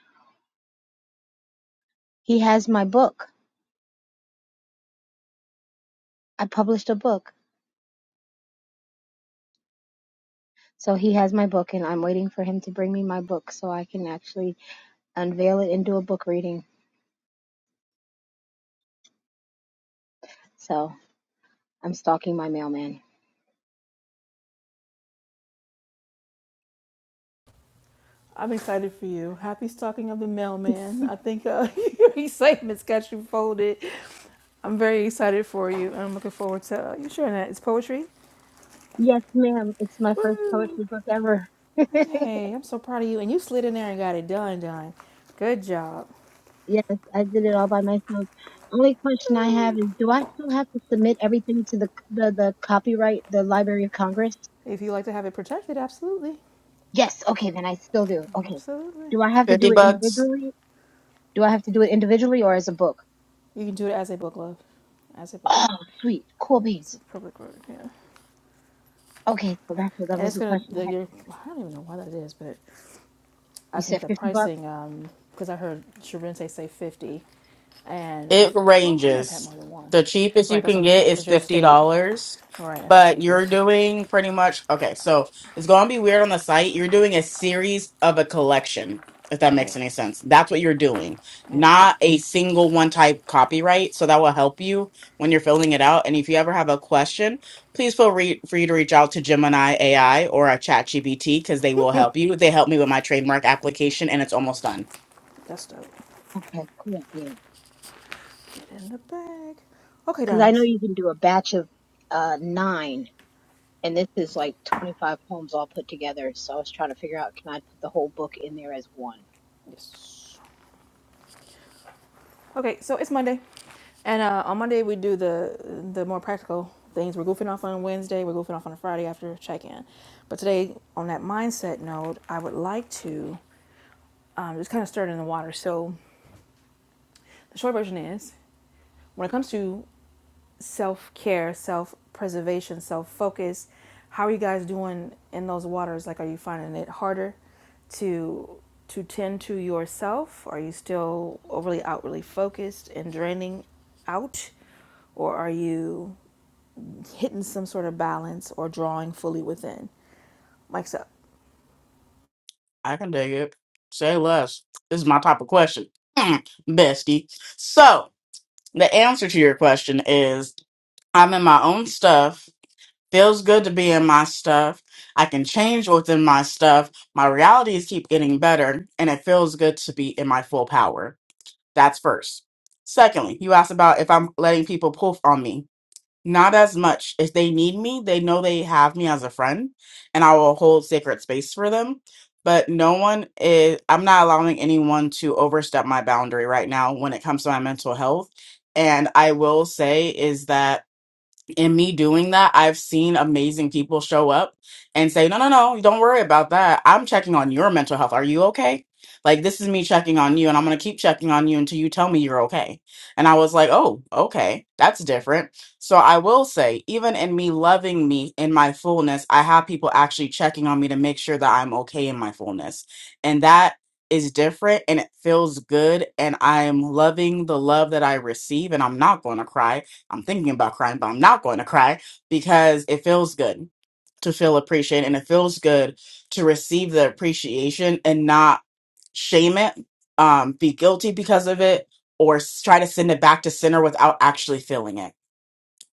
[SPEAKER 8] He has my book. I published a book. So he has my book and I'm waiting for him to bring me my book so I can actually unveil it and do a book reading. So I'm stalking my mailman.
[SPEAKER 3] I'm excited for you. Happy stocking of the mailman. I think uh, your has got you folded. I'm very excited for you. I'm looking forward to uh, you sharing that. It's poetry.
[SPEAKER 8] Yes, ma'am. It's my first
[SPEAKER 3] Woohoo!
[SPEAKER 8] poetry book ever.
[SPEAKER 3] Hey, I'm so proud of you. And you slid in there and got it done, done. Good job.
[SPEAKER 8] yes, I did it all by myself. Only question I have
[SPEAKER 3] Woo.
[SPEAKER 8] is do I still have to submit everything to the the, the copyright, the Library of Congress?
[SPEAKER 3] If you like to have it protected, absolutely.
[SPEAKER 8] Yes. Okay, then I still do. Okay.
[SPEAKER 3] Absolutely.
[SPEAKER 8] Do I have to do
[SPEAKER 2] Fifty
[SPEAKER 8] it
[SPEAKER 2] bucks.
[SPEAKER 8] individually? Do I have to do it individually or as a book?
[SPEAKER 3] You can do it as a book, love. As a book.
[SPEAKER 8] Oh, sweet. Cool
[SPEAKER 3] Yep, it's a
[SPEAKER 8] beans.
[SPEAKER 3] public record, yeah.
[SPEAKER 8] Okay, so that's what that
[SPEAKER 3] And
[SPEAKER 8] was
[SPEAKER 3] it's
[SPEAKER 8] the
[SPEAKER 3] gonna,
[SPEAKER 8] question I
[SPEAKER 3] the,
[SPEAKER 8] had.
[SPEAKER 3] your, I don't even know why that is, but I
[SPEAKER 8] You
[SPEAKER 3] think
[SPEAKER 8] said
[SPEAKER 3] the
[SPEAKER 8] 50 bucks?
[SPEAKER 3] pricing, um, because I heard Sharente say 50. And I
[SPEAKER 2] It
[SPEAKER 3] said, well, I may have had
[SPEAKER 2] ranges.
[SPEAKER 3] more than one.
[SPEAKER 2] The cheapest
[SPEAKER 3] Right,
[SPEAKER 2] you
[SPEAKER 3] that's what I'm
[SPEAKER 2] can
[SPEAKER 3] gonna say.
[SPEAKER 2] get is
[SPEAKER 3] because your
[SPEAKER 2] $50,
[SPEAKER 3] state, all right, that's the
[SPEAKER 2] but
[SPEAKER 3] cheapest.
[SPEAKER 2] you're doing pretty much okay, so it's going to be weird on the site. You're doing a series of a collection, if that
[SPEAKER 3] Right,
[SPEAKER 2] makes any sense. That's what you're doing,
[SPEAKER 3] yeah,
[SPEAKER 8] Yeah.
[SPEAKER 2] not a single one type copyright. So that will help you when you're filling it out. And if you ever have a question, please feel re- free to reach out to Gemini AI or a ChatGPT because they will help you. They helped me with my trademark application and it's almost done.
[SPEAKER 3] that's dope.
[SPEAKER 8] Okay, cool beans.
[SPEAKER 3] Get in the bag. Okay,
[SPEAKER 8] Because I know
[SPEAKER 3] darlings.
[SPEAKER 8] you can do a batch of uh, nine, and this is like 25 poems all put together. So I was trying to figure out can I put the whole book in there as one?
[SPEAKER 3] Yes. Okay, so it's Monday. And uh, on Monday, we do the the more practical things. We're goofing off on Wednesday, we're goofing off on a Friday after check in. But today, on that mindset note, I would like to um, just kind of stir it in the water. So the short version is when it comes to self care, self preservation, self focus. How are you guys doing in those waters? Like, are you finding it harder to to tend to yourself? Are you still overly outwardly focused and draining out, or are you hitting some sort of balance or drawing fully within? Mike's up.
[SPEAKER 2] I can dig it. Say less. This is my type of question, Mm, bestie. So the answer to your question is I'm in my own stuff. Feels good to be in my stuff. I can change within my stuff. My realities keep getting better, and it feels good to be in my full power. That's first. Secondly, you asked about if I'm letting people poof on me. Not as much. If they need me, they know they have me as a friend and I will hold sacred space for them. But no one is, I'm not allowing anyone to overstep my boundary right now when it comes to my mental health. And I will say is that in me doing that, I've seen amazing people show up and say, No, no, no, don't worry about that. I'm checking on your mental health. Are you okay? Like, this is me checking on you, and I'm going to keep checking on you until you tell me you're okay. And I was like, Oh, okay, that's different. So I will say, even in me loving me in my fullness, I have people actually checking on me to make sure that I'm okay in my fullness. And that is different and it feels good. And I'm loving the love that I receive, and I'm not going to cry I'm thinking about crying, but I'm not going to cry because it feels good to feel appreciated and it feels good to receive the appreciation and not shame it, um, be guilty because of it, or s- try to send it back to center without actually feeling it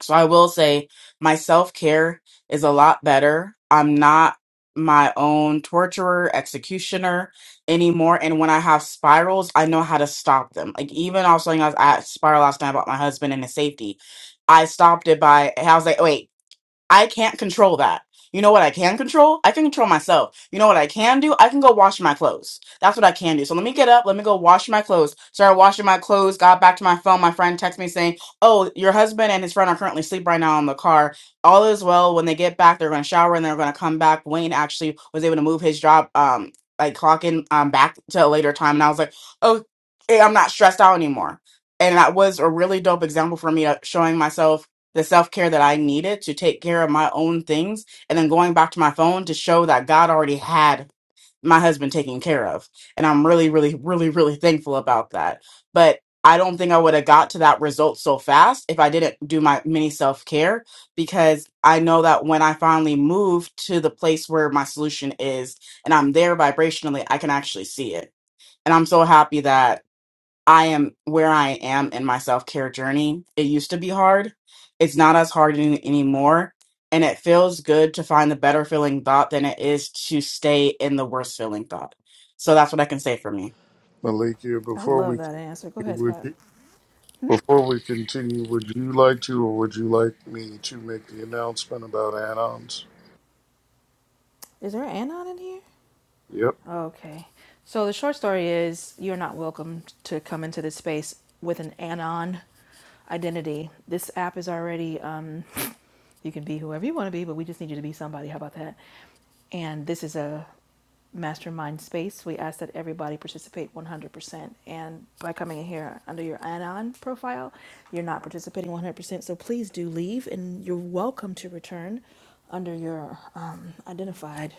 [SPEAKER 2] so I will say my self care is a lot better. I'm not my own torturer, executioner anymore. And when I have spirals, I know how to stop them. Like even also, you know, I was at spiral last night about my husband and his safety. I stopped it by, I was like, wait, I can't control that. You know what I can control? I can control myself. You know what I can do? I can go wash my clothes. That's what I can do. So let me get up. Let me go wash my clothes. Started washing my clothes. Got back to my phone. My friend texted me saying, "Oh, your husband and his friend are currently asleep right now in the car. All is well. When they get back, they're going to shower and they're going to come back." Wayne actually was able to move his job, um, like clocking um back to a later time, and I was like, "Oh, hey, I'm not stressed out anymore." And that was a really dope example for me of showing myself the self care that I needed to take care of my own things, and then going back to my phone to show that God already had my husband taken care of. And I'm really, really, really, really thankful about that. But I don't think I would have got to that result so fast if I didn't do my mini self care because I know that when I finally move to the place where my solution is and I'm there vibrationally, I can actually see it. And I'm so happy that I am where I am in my self care journey. It used to be hard. It's not as hard any- anymore. And it feels good to find the better feeling thought than it is to stay in the worst feeling thought. So that's what I can say for me.
[SPEAKER 1] Maliki.
[SPEAKER 3] I
[SPEAKER 1] Before
[SPEAKER 3] love
[SPEAKER 1] we
[SPEAKER 3] that answer. Go
[SPEAKER 1] continue,
[SPEAKER 3] ahead,
[SPEAKER 1] would
[SPEAKER 3] Scott.
[SPEAKER 1] you, before we continue, would you like to, or would you like me to make the announcement about add-ons?
[SPEAKER 3] Is there an anon in here?
[SPEAKER 1] Yep.
[SPEAKER 3] Okay. So the short story is you're not welcome to come into this space with an anon identity. This app is already um you can be whoever you want to be, but we just need you to be somebody. How about that? And this is a mastermind space. We ask that everybody participate 100%. And by coming in here under your anon profile, you're not participating 100%. So please do leave and you're welcome to return under your um, identified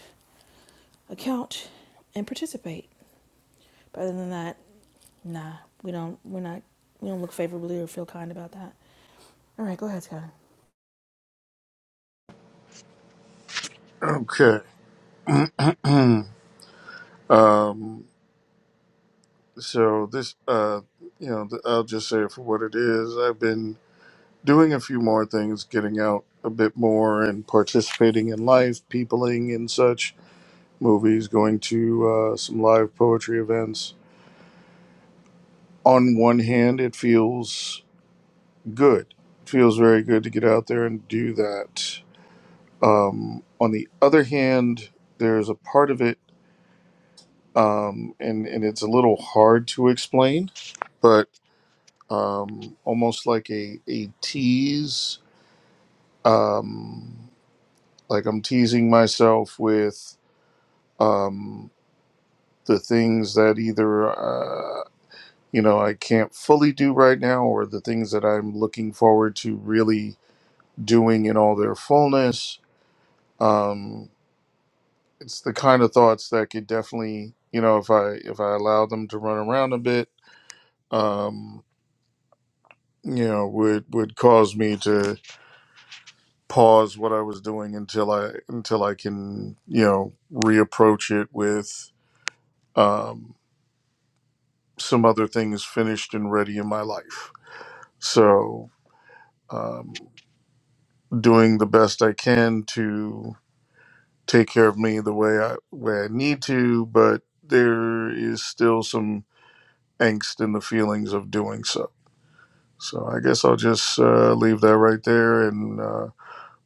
[SPEAKER 3] account and participate. But other than that, nah, we don't. We're not. We don't look favorably or feel kind about that. All right, go ahead, Scott.
[SPEAKER 1] Okay. um, So this, uh, you know, th- I'll just say it for what it is. I've been doing a few more things, getting out a bit more and participating in life, peopling and such, movies, going to uh, some live poetry events. On one hand, it feels good. It feels very good to get out there and do that. Um, on the other hand, there's a part of it, um, and, and it's a little hard to explain, um, almost like a a tease. Um, like I'm teasing myself with um, the things that either uh, you know I can't fully do right now, or the things that I'm looking forward to really doing in all their fullness. Um, it's the kind of thoughts that could definitely you know if I if I allow them to run around a bit. Um, you know would would cause me to pause what I was doing until I until I can you know reapproach it with um, some other things finished and ready in my life. So um, doing the best I can to take care of me the way I way I need to, but there is still some angst in the feelings of doing so. So I guess I'll just uh, leave that right there. And uh,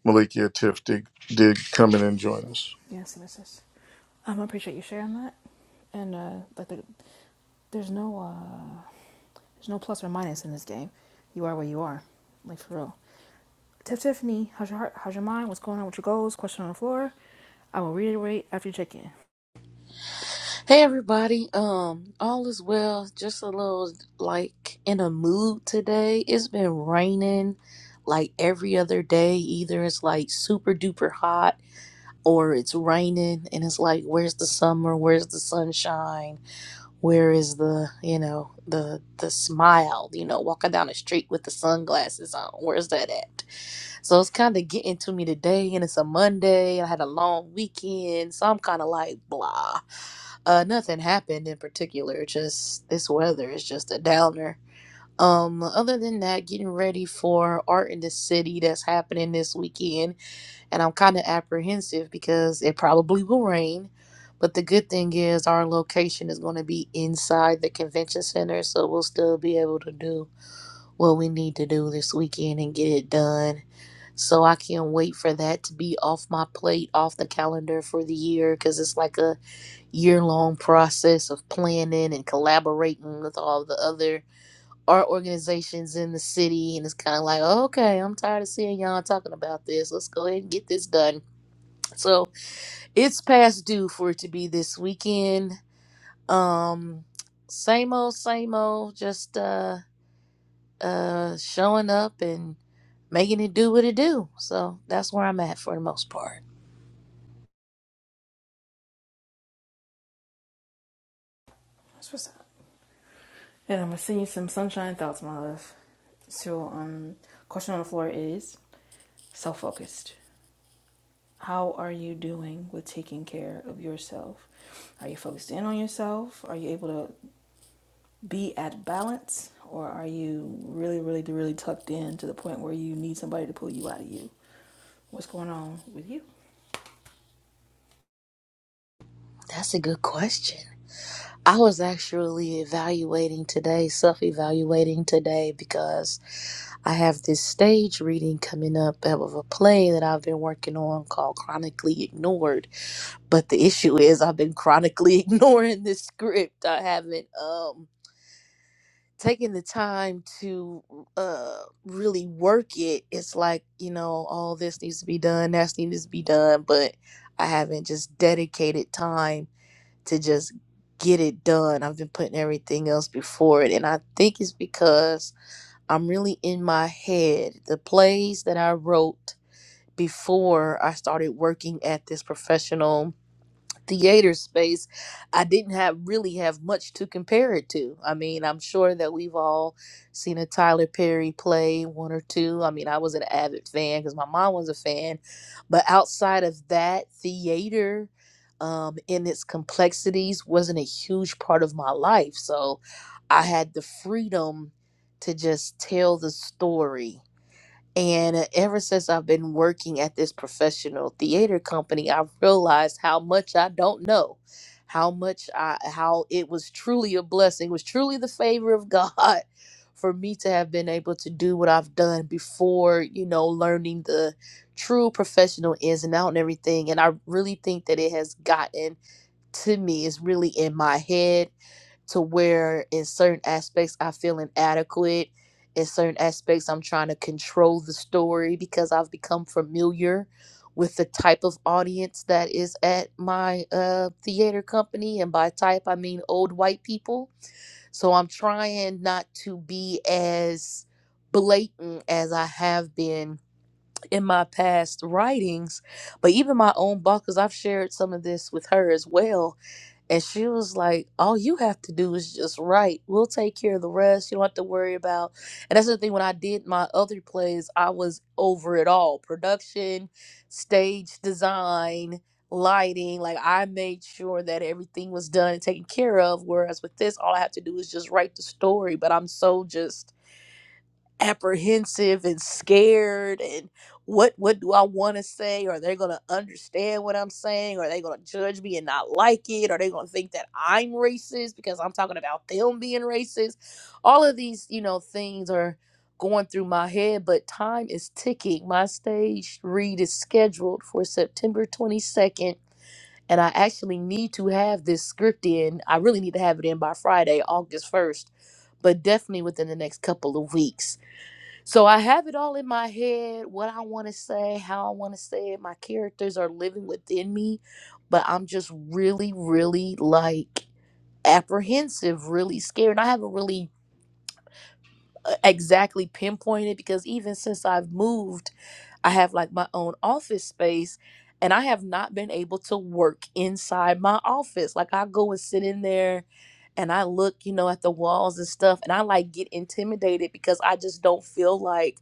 [SPEAKER 1] Malikia Tiff did, did come in and join us
[SPEAKER 3] Yes, Mrs. Um, I appreciate you sharing that. And uh, like, the, there's no uh, there's no plus or minus in this game. You are where you are, like for real. Tiff Tiffany, how's your heart? How's your mind? What's going on with your goals? Question on the floor. I will reiterate after you check in.
[SPEAKER 9] Hey everybody. Um, all is well. Just a little like in a mood today. It's been raining like every other day. Either it's like super duper hot or it's raining and it's like where's the summer? Where's the sunshine? where is the you know the the smile you know walking down the street with the sunglasses on where's that at so it's kind of getting to me today and it's a monday i had a long weekend so i'm kind of like blah uh nothing happened in particular just this weather is just a downer um other than that getting ready for art in the city that's happening this weekend and I'm kind of apprehensive because it probably will rain. But the good thing is our location is going to be inside the convention center, so we'll still be able to do what we need to do this weekend and get it done. So I can't wait for that to be off my plate, off the calendar for the year cuz it's like a year-long process of planning and collaborating with all the other art organizations in the city and it's kind of like, oh, "Okay, I'm tired of seeing y'all talking about this. Let's go ahead and get this done." So it's past due for it to be this weekend. Um, same old, same old. Just uh, uh, showing up and making it do what it do. So that's where I'm at for the most part.
[SPEAKER 3] That's what's up. And I'm gonna send you some sunshine thoughts, my love. So, um, question on the floor is self focused. How are you doing with taking care of yourself? Are you focused in on yourself? Are you able to be at balance? Or are you really, really, really tucked in to the point where you need somebody to pull you out of you? What's going on with you?
[SPEAKER 9] That's a good question. I was actually evaluating today, self-evaluating today, because I have this stage reading coming up of a play that I've been working on called Chronically Ignored. But the issue is I've been chronically ignoring this script. I haven't. Um, taking the time to uh really work it it's like you know all this needs to be done that needs to be done but i haven't just dedicated time to just get it done i've been putting everything else before it and i think it's because i'm really in my head the plays that i wrote before i started working at this professional theater space, I didn't have really have much to compare it to. I mean, I'm sure that we've all seen a Tyler Perry play, one or two. I mean, I was an avid fan because my mom was a fan, but outside of that, theater um, in its complexities wasn't a huge part of my life. So I had the freedom to just tell the story and uh, ever since I've been working at this professional theater company, I've realized how much I don't know, how much I, how it was truly a blessing, was truly the favor of God for me to have been able to do what I've done before, you know, learning the true professional ins and out and everything. And I really think that it has gotten to me, it's really in my head to where in certain aspects I feel inadequate. In certain aspects, I'm trying to control the story because I've become familiar with the type of audience that is at my uh, theater company. And by type, I mean old white people. So I'm trying not to be as blatant as I have been in my past writings, but even my own boss, because I've shared some of this with her as well and she was like, All you have to do is just write. We'll take care of the rest. You don't have to worry about. And that's the thing. When I did my other plays, I was over it all production, stage design, lighting. Like I made sure that everything was done and taken care of. Whereas with this, all I have to do is just write the story. But I'm so just apprehensive and scared and what what do I want to say? Are they gonna understand what I'm saying? Are they gonna judge me and not like it? Are they gonna think that I'm racist because I'm talking about them being racist? All of these, you know, things are going through my head, but time is ticking. My stage read is scheduled for September 22nd. And I actually need to have this script in. I really need to have it in by Friday, August 1st, but definitely within the next couple of weeks. So I have it all in my head, what I want to say, how I want to say it. My characters are living within me, but I'm just really, really like apprehensive, really scared. And I haven't really uh, exactly pinpointed because even since I've moved, I have like my own office space and I have not been able to work inside my office. Like I go and sit in there and I look, you know, at the walls and stuff and I like get intimidated because I just don't feel like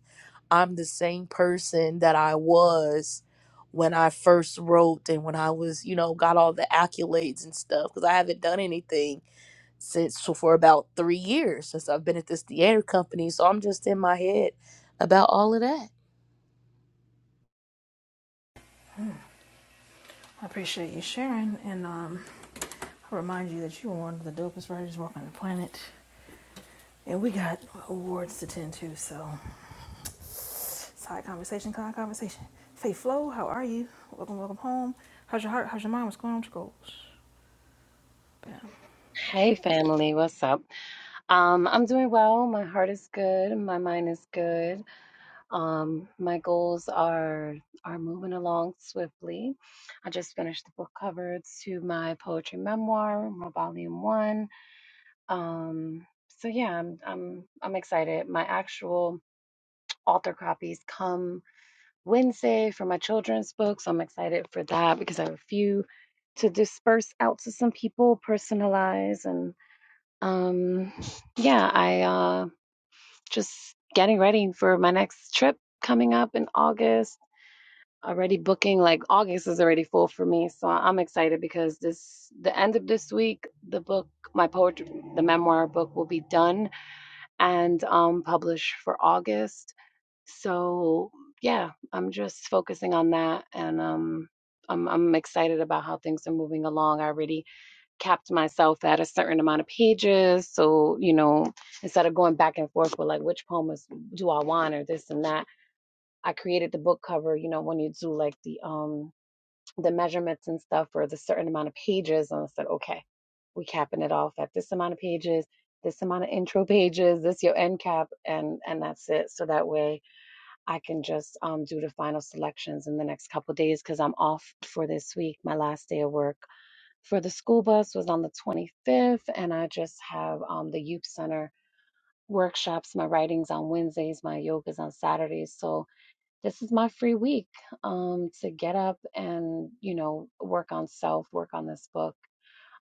[SPEAKER 9] I'm the same person that I was when I first wrote and when I was, you know, got all the accolades and stuff because I haven't done anything since so for about three years since I've been at this theater company. So I'm just in my head about all of that.
[SPEAKER 3] I appreciate you sharing, and um, I remind you that you are one of the dopest writers working on the planet. And we got awards to tend to, so Side conversation, kind conversation. Faith Flow, how are you? Welcome, welcome home. How's your heart? How's your mind? What's going on with your goals? Bam.
[SPEAKER 10] Hey family, what's up? Um, I'm doing well. My heart is good. My mind is good. Um, my goals are are moving along swiftly. I just finished the book cover to my poetry memoir, my volume one. Um, so yeah, I'm I'm I'm excited. My actual author copies come Wednesday for my children's book, so I'm excited for that because I have a few to disperse out to some people, personalize and. Um, yeah, I uh, just getting ready for my next trip coming up in August. Already booking, like August is already full for me, so I'm excited because this the end of this week, the book, my poetry, the memoir book will be done and um published for August. So yeah, I'm just focusing on that, and um, I'm I'm excited about how things are moving along. I already capped myself at a certain amount of pages. So, you know, instead of going back and forth with like which poems do I want or this and that, I created the book cover, you know, when you do like the um the measurements and stuff for the certain amount of pages. And I said, okay, we capping it off at this amount of pages, this amount of intro pages, this your end cap, and and that's it. So that way I can just um do the final selections in the next couple of days because I'm off for this week, my last day of work for the school bus was on the 25th, and I just have um, the youth center workshops. My writing's on Wednesdays, my yoga's on Saturdays. So this is my free week um, to get up and you know work on self, work on this book.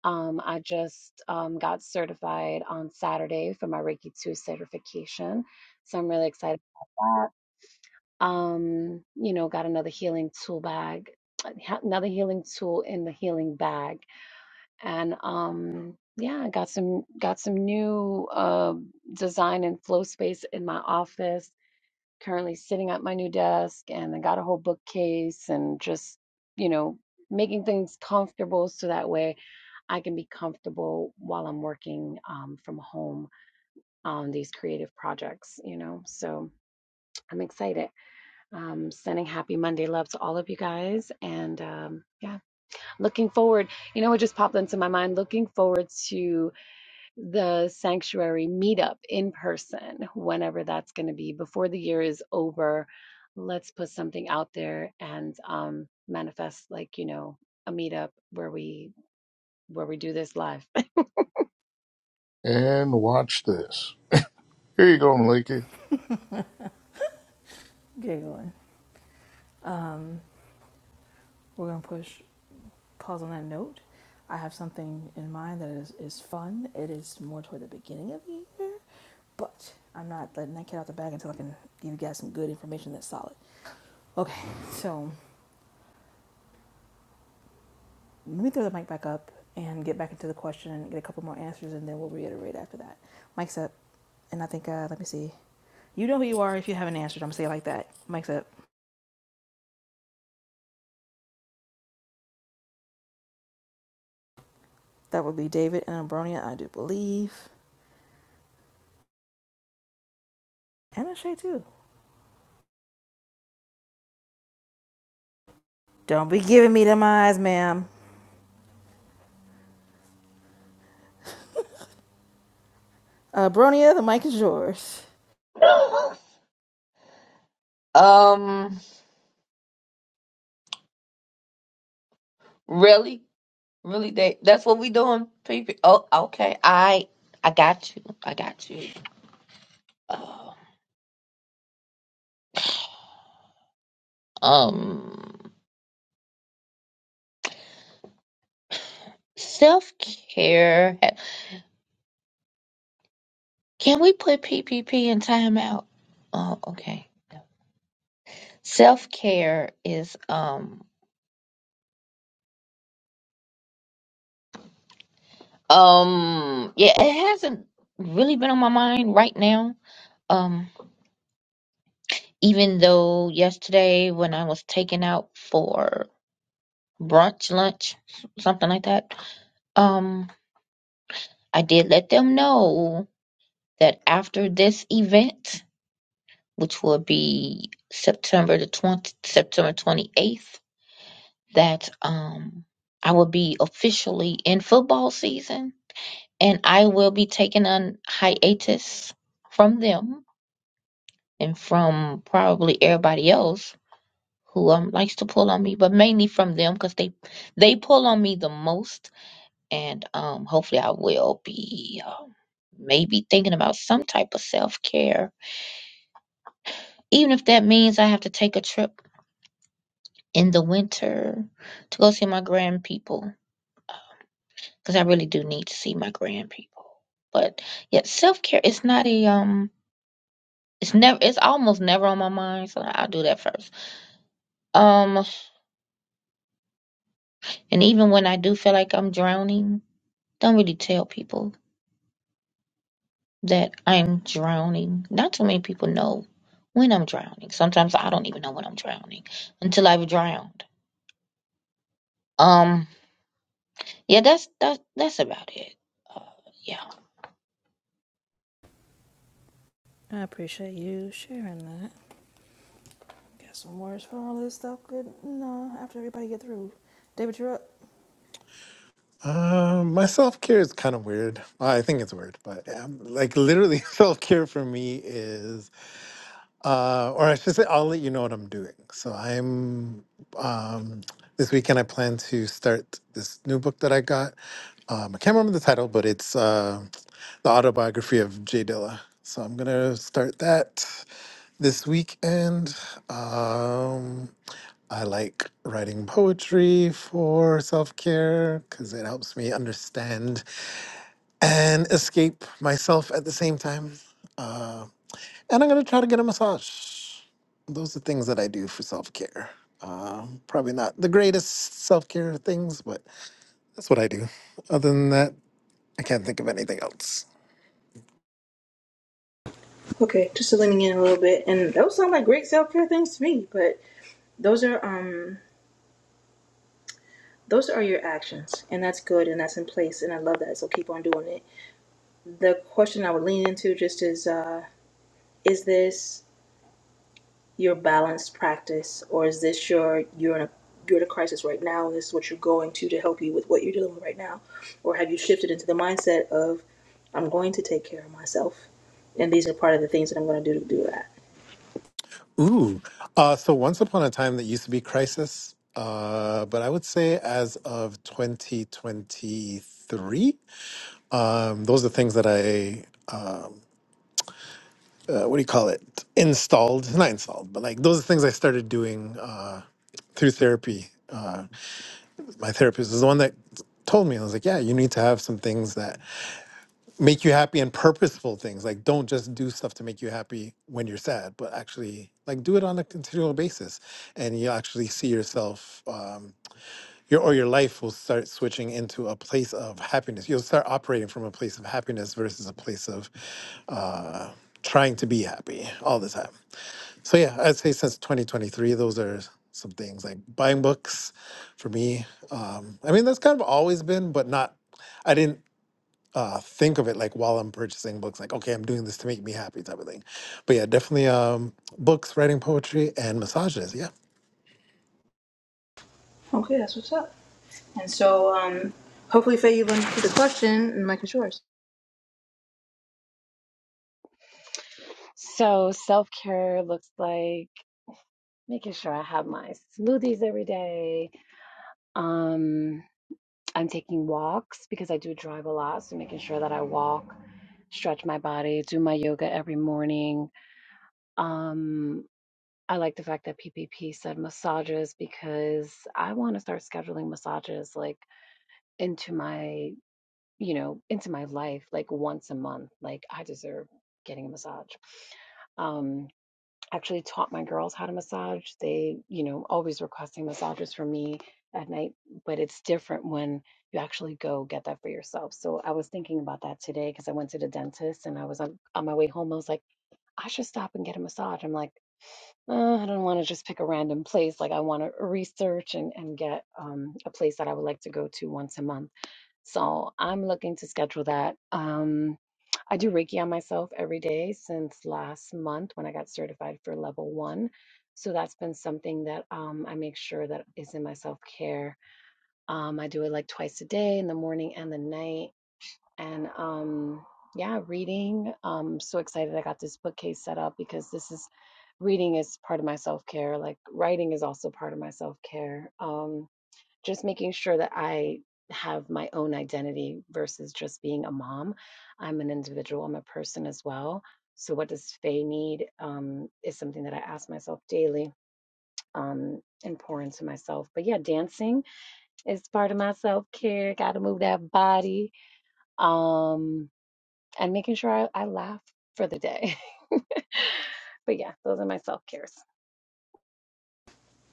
[SPEAKER 10] Um, I just um, got certified on Saturday for my Reiki 2 certification, so I'm really excited about that. Um, you know, got another healing tool bag, ha- another healing tool in the healing bag and um yeah I got some got some new uh design and flow space in my office currently sitting at my new desk and I got a whole bookcase and just you know making things comfortable so that way I can be comfortable while I'm working um, from home on these creative projects you know so I'm excited um sending happy Monday love to all of you guys and um yeah looking forward you know what just popped into my mind looking forward to the sanctuary meetup in person, whenever that's going to be. Before the year is over, let's put something out there and um, manifest, like you know, a meetup where we where we do this live.
[SPEAKER 1] and watch this. Here you go, Maliki.
[SPEAKER 3] Giggling. We're gonna push pause on that note. I have something in mind that is, is fun. It is more toward the beginning of the year, but I'm not letting that cat out the bag until I can give you guys some good information that's solid. Okay, so let me throw the mic back up and get back into the question and get a couple more answers, and then we'll reiterate after that. Mic's up, and I think uh, let me see. You know who you are if you haven't answered. I'm gonna say it like that. Mike's up. That would be David and Abronia, I do believe. And a Shay too. Don't be giving me them eyes, ma'am. Abronia, the mic is yours.
[SPEAKER 4] Um, really, really, that that's what we doing, people. Oh, okay. I I got you. I got you. Oh, um, self care. Can we put P P P in timeout? Oh, okay. Self care is um. Um, yeah, it hasn't really been on my mind right now. Um, even though yesterday when I was taken out for brunch, lunch, s- something like that, um, I did let them know that after this event, which will be September the 20, September 28th, that um I will be officially in football season and I will be taking on hiatus from them and from probably everybody else who um likes to pull on me, but mainly from them because they they pull on me the most. And um, hopefully, I will be um, maybe thinking about some type of self care, even if that means I have to take a trip in the winter to go see my grand people because I really do need to see my grand people. But yeah, self care is not a um, it's never, it's almost never on my mind, so I'll do that first. Um, And even when I do feel like I'm drowning, don't really tell people that I'm drowning. Not too many people know when I'm drowning. Sometimes I don't even know when I'm drowning until I've drowned. Um, yeah, that's that's that's about it. Uh, yeah,
[SPEAKER 3] I appreciate you sharing that. Got some words for all this stuff. Good. No, after everybody get through. David, you're up.
[SPEAKER 5] Um, my self care is kind of weird. Well, I think it's weird, but um, like literally, self care for me is, uh, or I should say, I'll let you know what I'm doing. So I'm um, this weekend. I plan to start this new book that I got. Um, I can't remember the title, but it's uh, the autobiography of Jay Dilla. So I'm gonna start that this weekend. Um, I like writing poetry for self care because it helps me understand and escape myself at the same time. Uh, and I'm going to try to get a massage. Those are things that I do for self care. Uh, probably not the greatest self care things, but that's what I do. Other than that, I can't think of anything else.
[SPEAKER 3] Okay, just leaning in a little bit, and those sound like great self care things to me. But those are um those are your actions, and that's good, and that's in place, and I love that. So keep on doing it. The question I would lean into just is. uh. is this your balanced practice or is this your you're in a you're in a crisis right now and this is what you're going to to help you with what you're dealing with right now or have you shifted into the mindset of i'm going to take care of myself and these are part of the things that i'm going to do to do that
[SPEAKER 5] Ooh. Uh, so once upon a time, that used to be crisis, uh, but I would say as of 2023. Um, those are the things that I, uh, what do you call it? Installed, not installed, but like those are the things I started doing uh, through therapy. Uh, my therapist is the one that told me, I was like, yeah, you need to have some things that make you happy and purposeful things. Like, don't just do stuff to make you happy when you're sad, but actually, like, do it on a continual basis. And you actually see yourself. Um, your or your life will start switching into a place of happiness. You'll start operating from a place of happiness versus a place of uh, trying to be happy all the time. So yeah, I'd say since 2023, those are some things like buying books for me. Um, I mean, that's kind of always been, but not. I didn't uh, think of it like while I'm purchasing books, like okay, I'm doing this to make me happy type of thing. But yeah, definitely um, books, writing poetry, and massages. Yeah.
[SPEAKER 3] okay that's what's up and so um hopefully faye you've answered the question and mike is yours
[SPEAKER 10] so self care looks like making sure I have my smoothies every day. Um, I'm taking walks because I do drive a lot, so making sure that I walk, stretch my body, do my yoga every morning. Um, I like the fact that PPP said massages because I want to start scheduling massages like into my, you know, into my life like once a month. Like I deserve getting a massage. Um, actually taught my girls how to massage. They, you know, always requesting massages from me at night, but it's different when you actually go get that for yourself. So I was thinking about that today because I went to the dentist and I was on, on my way home. I was like, I should stop and get a massage. I'm like, uh, I don't want to just pick a random place. Like I want to research and, and get um, a place that I would like to go to once a month. So I'm looking to schedule that. Um, I do Reiki on myself every day since last month when I got certified for level one. So that's been something that um, I make sure that is in my self care. Um, I do it like twice a day in the morning and the night and um yeah reading um so excited i got this bookcase set up because this is reading is part of my self-care like writing is also part of my self-care um just making sure that i have my own identity versus just being a mom i'm an individual i'm a person as well so what does faye need um is something that i ask myself daily um and pour into myself but yeah dancing is part of my self-care gotta move that body um and making sure I, I laugh for the day. but yeah, those are my self cares.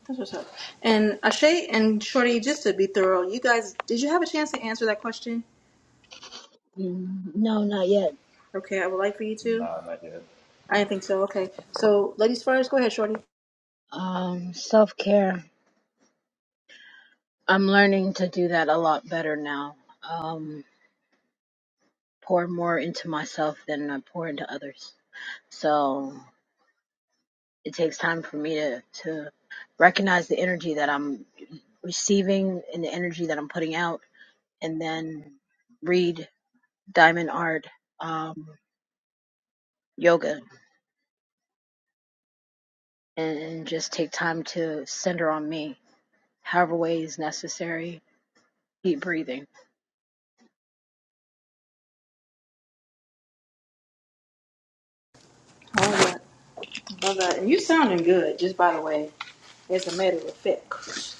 [SPEAKER 3] that's what's up and ashay and shorty just to be thorough you guys did you have a chance to answer that question
[SPEAKER 8] Mm, no, not yet.
[SPEAKER 3] okay i would like for you to
[SPEAKER 7] No, not yet.
[SPEAKER 3] i didn't think so okay so ladies first go ahead shorty
[SPEAKER 8] Um, self care. I'm learning to do that a lot better now. Um, pour more into myself than I pour into others. So it takes time for me to, to recognize the energy that I'm receiving and the energy that I'm putting out, and then read Diamond Art um, Yoga and, and just take time to center on me, however way is necessary. Keep breathing.
[SPEAKER 3] All right. Love that. And you sounding good, just by the way, as a matter of fact.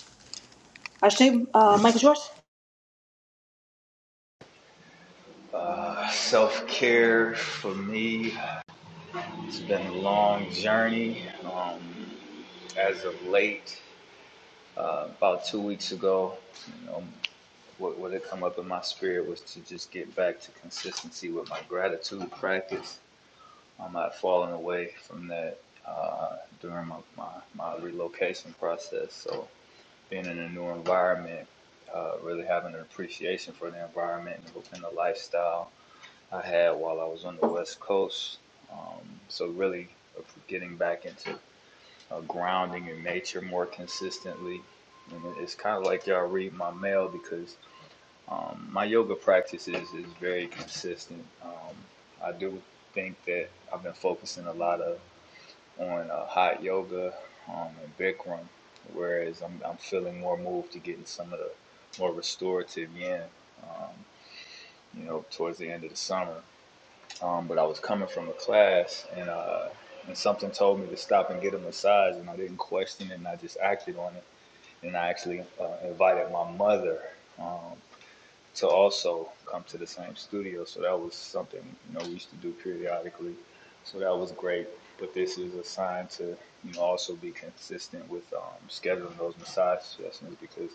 [SPEAKER 3] I think, uh, Michael George.
[SPEAKER 7] Uh, Self care for me, it's been a long journey. Um, as of late, uh, about two weeks ago, you know, what, what had come up in my spirit was to just get back to consistency with my gratitude practice. I'm not falling away from that uh, during my, my, my relocation process. So, being in a new environment, uh, really having an appreciation for the environment and the lifestyle I had while I was on the West Coast. Um, so really getting back into uh, grounding in nature more consistently. And it's kind of like y'all read my mail because um, my yoga practice is, is very consistent. Um, I do think that I've been focusing a lot of on uh, hot yoga um, and Bikram, whereas I'm, I'm feeling more moved to getting some of the more restorative yin, um, you know, towards the end of the summer um, but I was coming from a class and uh, and something told me to stop and get a massage, and I didn't question it, and I just acted on it, and I actually uh, invited my mother um, to also come to the same studio, so that was something you know we used to do periodically, so that was great. But this is a sign to you know also be consistent with um, scheduling those massage sessions because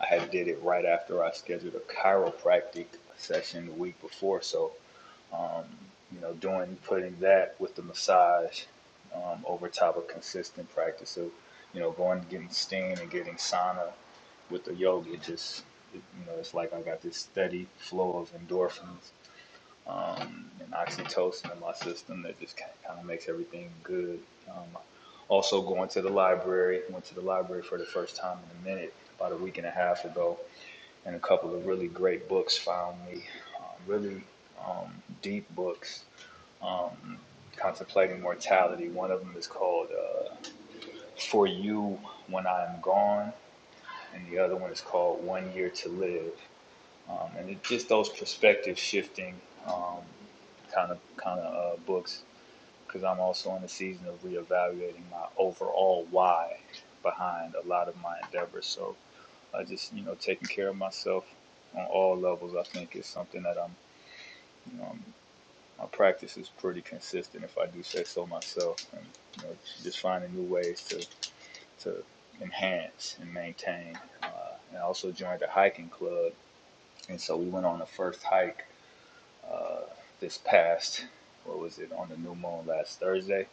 [SPEAKER 7] I had did it right after I scheduled a chiropractic session the week before, so um, you know, doing putting that with the massage um, over top of consistent practice. So, you know, going and getting steam and getting sauna with the yoga, it just it, you know, it's like I got this steady flow of endorphins um, and oxytocin in my system that just kind of makes everything good. Um, also, going to the library, went to the library for the first time in a minute about a week and a half ago, and a couple of really great books found me, um, really um, deep books um, contemplating mortality. One of them is called uh, For You When I Am Gone, and the other one is called One Year to Live. Um, and it's just those perspective shifting um, kind of kind of uh, books because I'm also in the season of reevaluating my overall why behind a lot of my endeavors. So I uh, just you know taking care of myself on all levels. I think is something that I'm. you know, I'm my practice is pretty consistent, if I do say so myself, and you know, just finding new ways to to enhance and maintain. Uh, and I also joined a hiking club, and so we went on the first hike uh, this past what was it on the new moon last Thursday,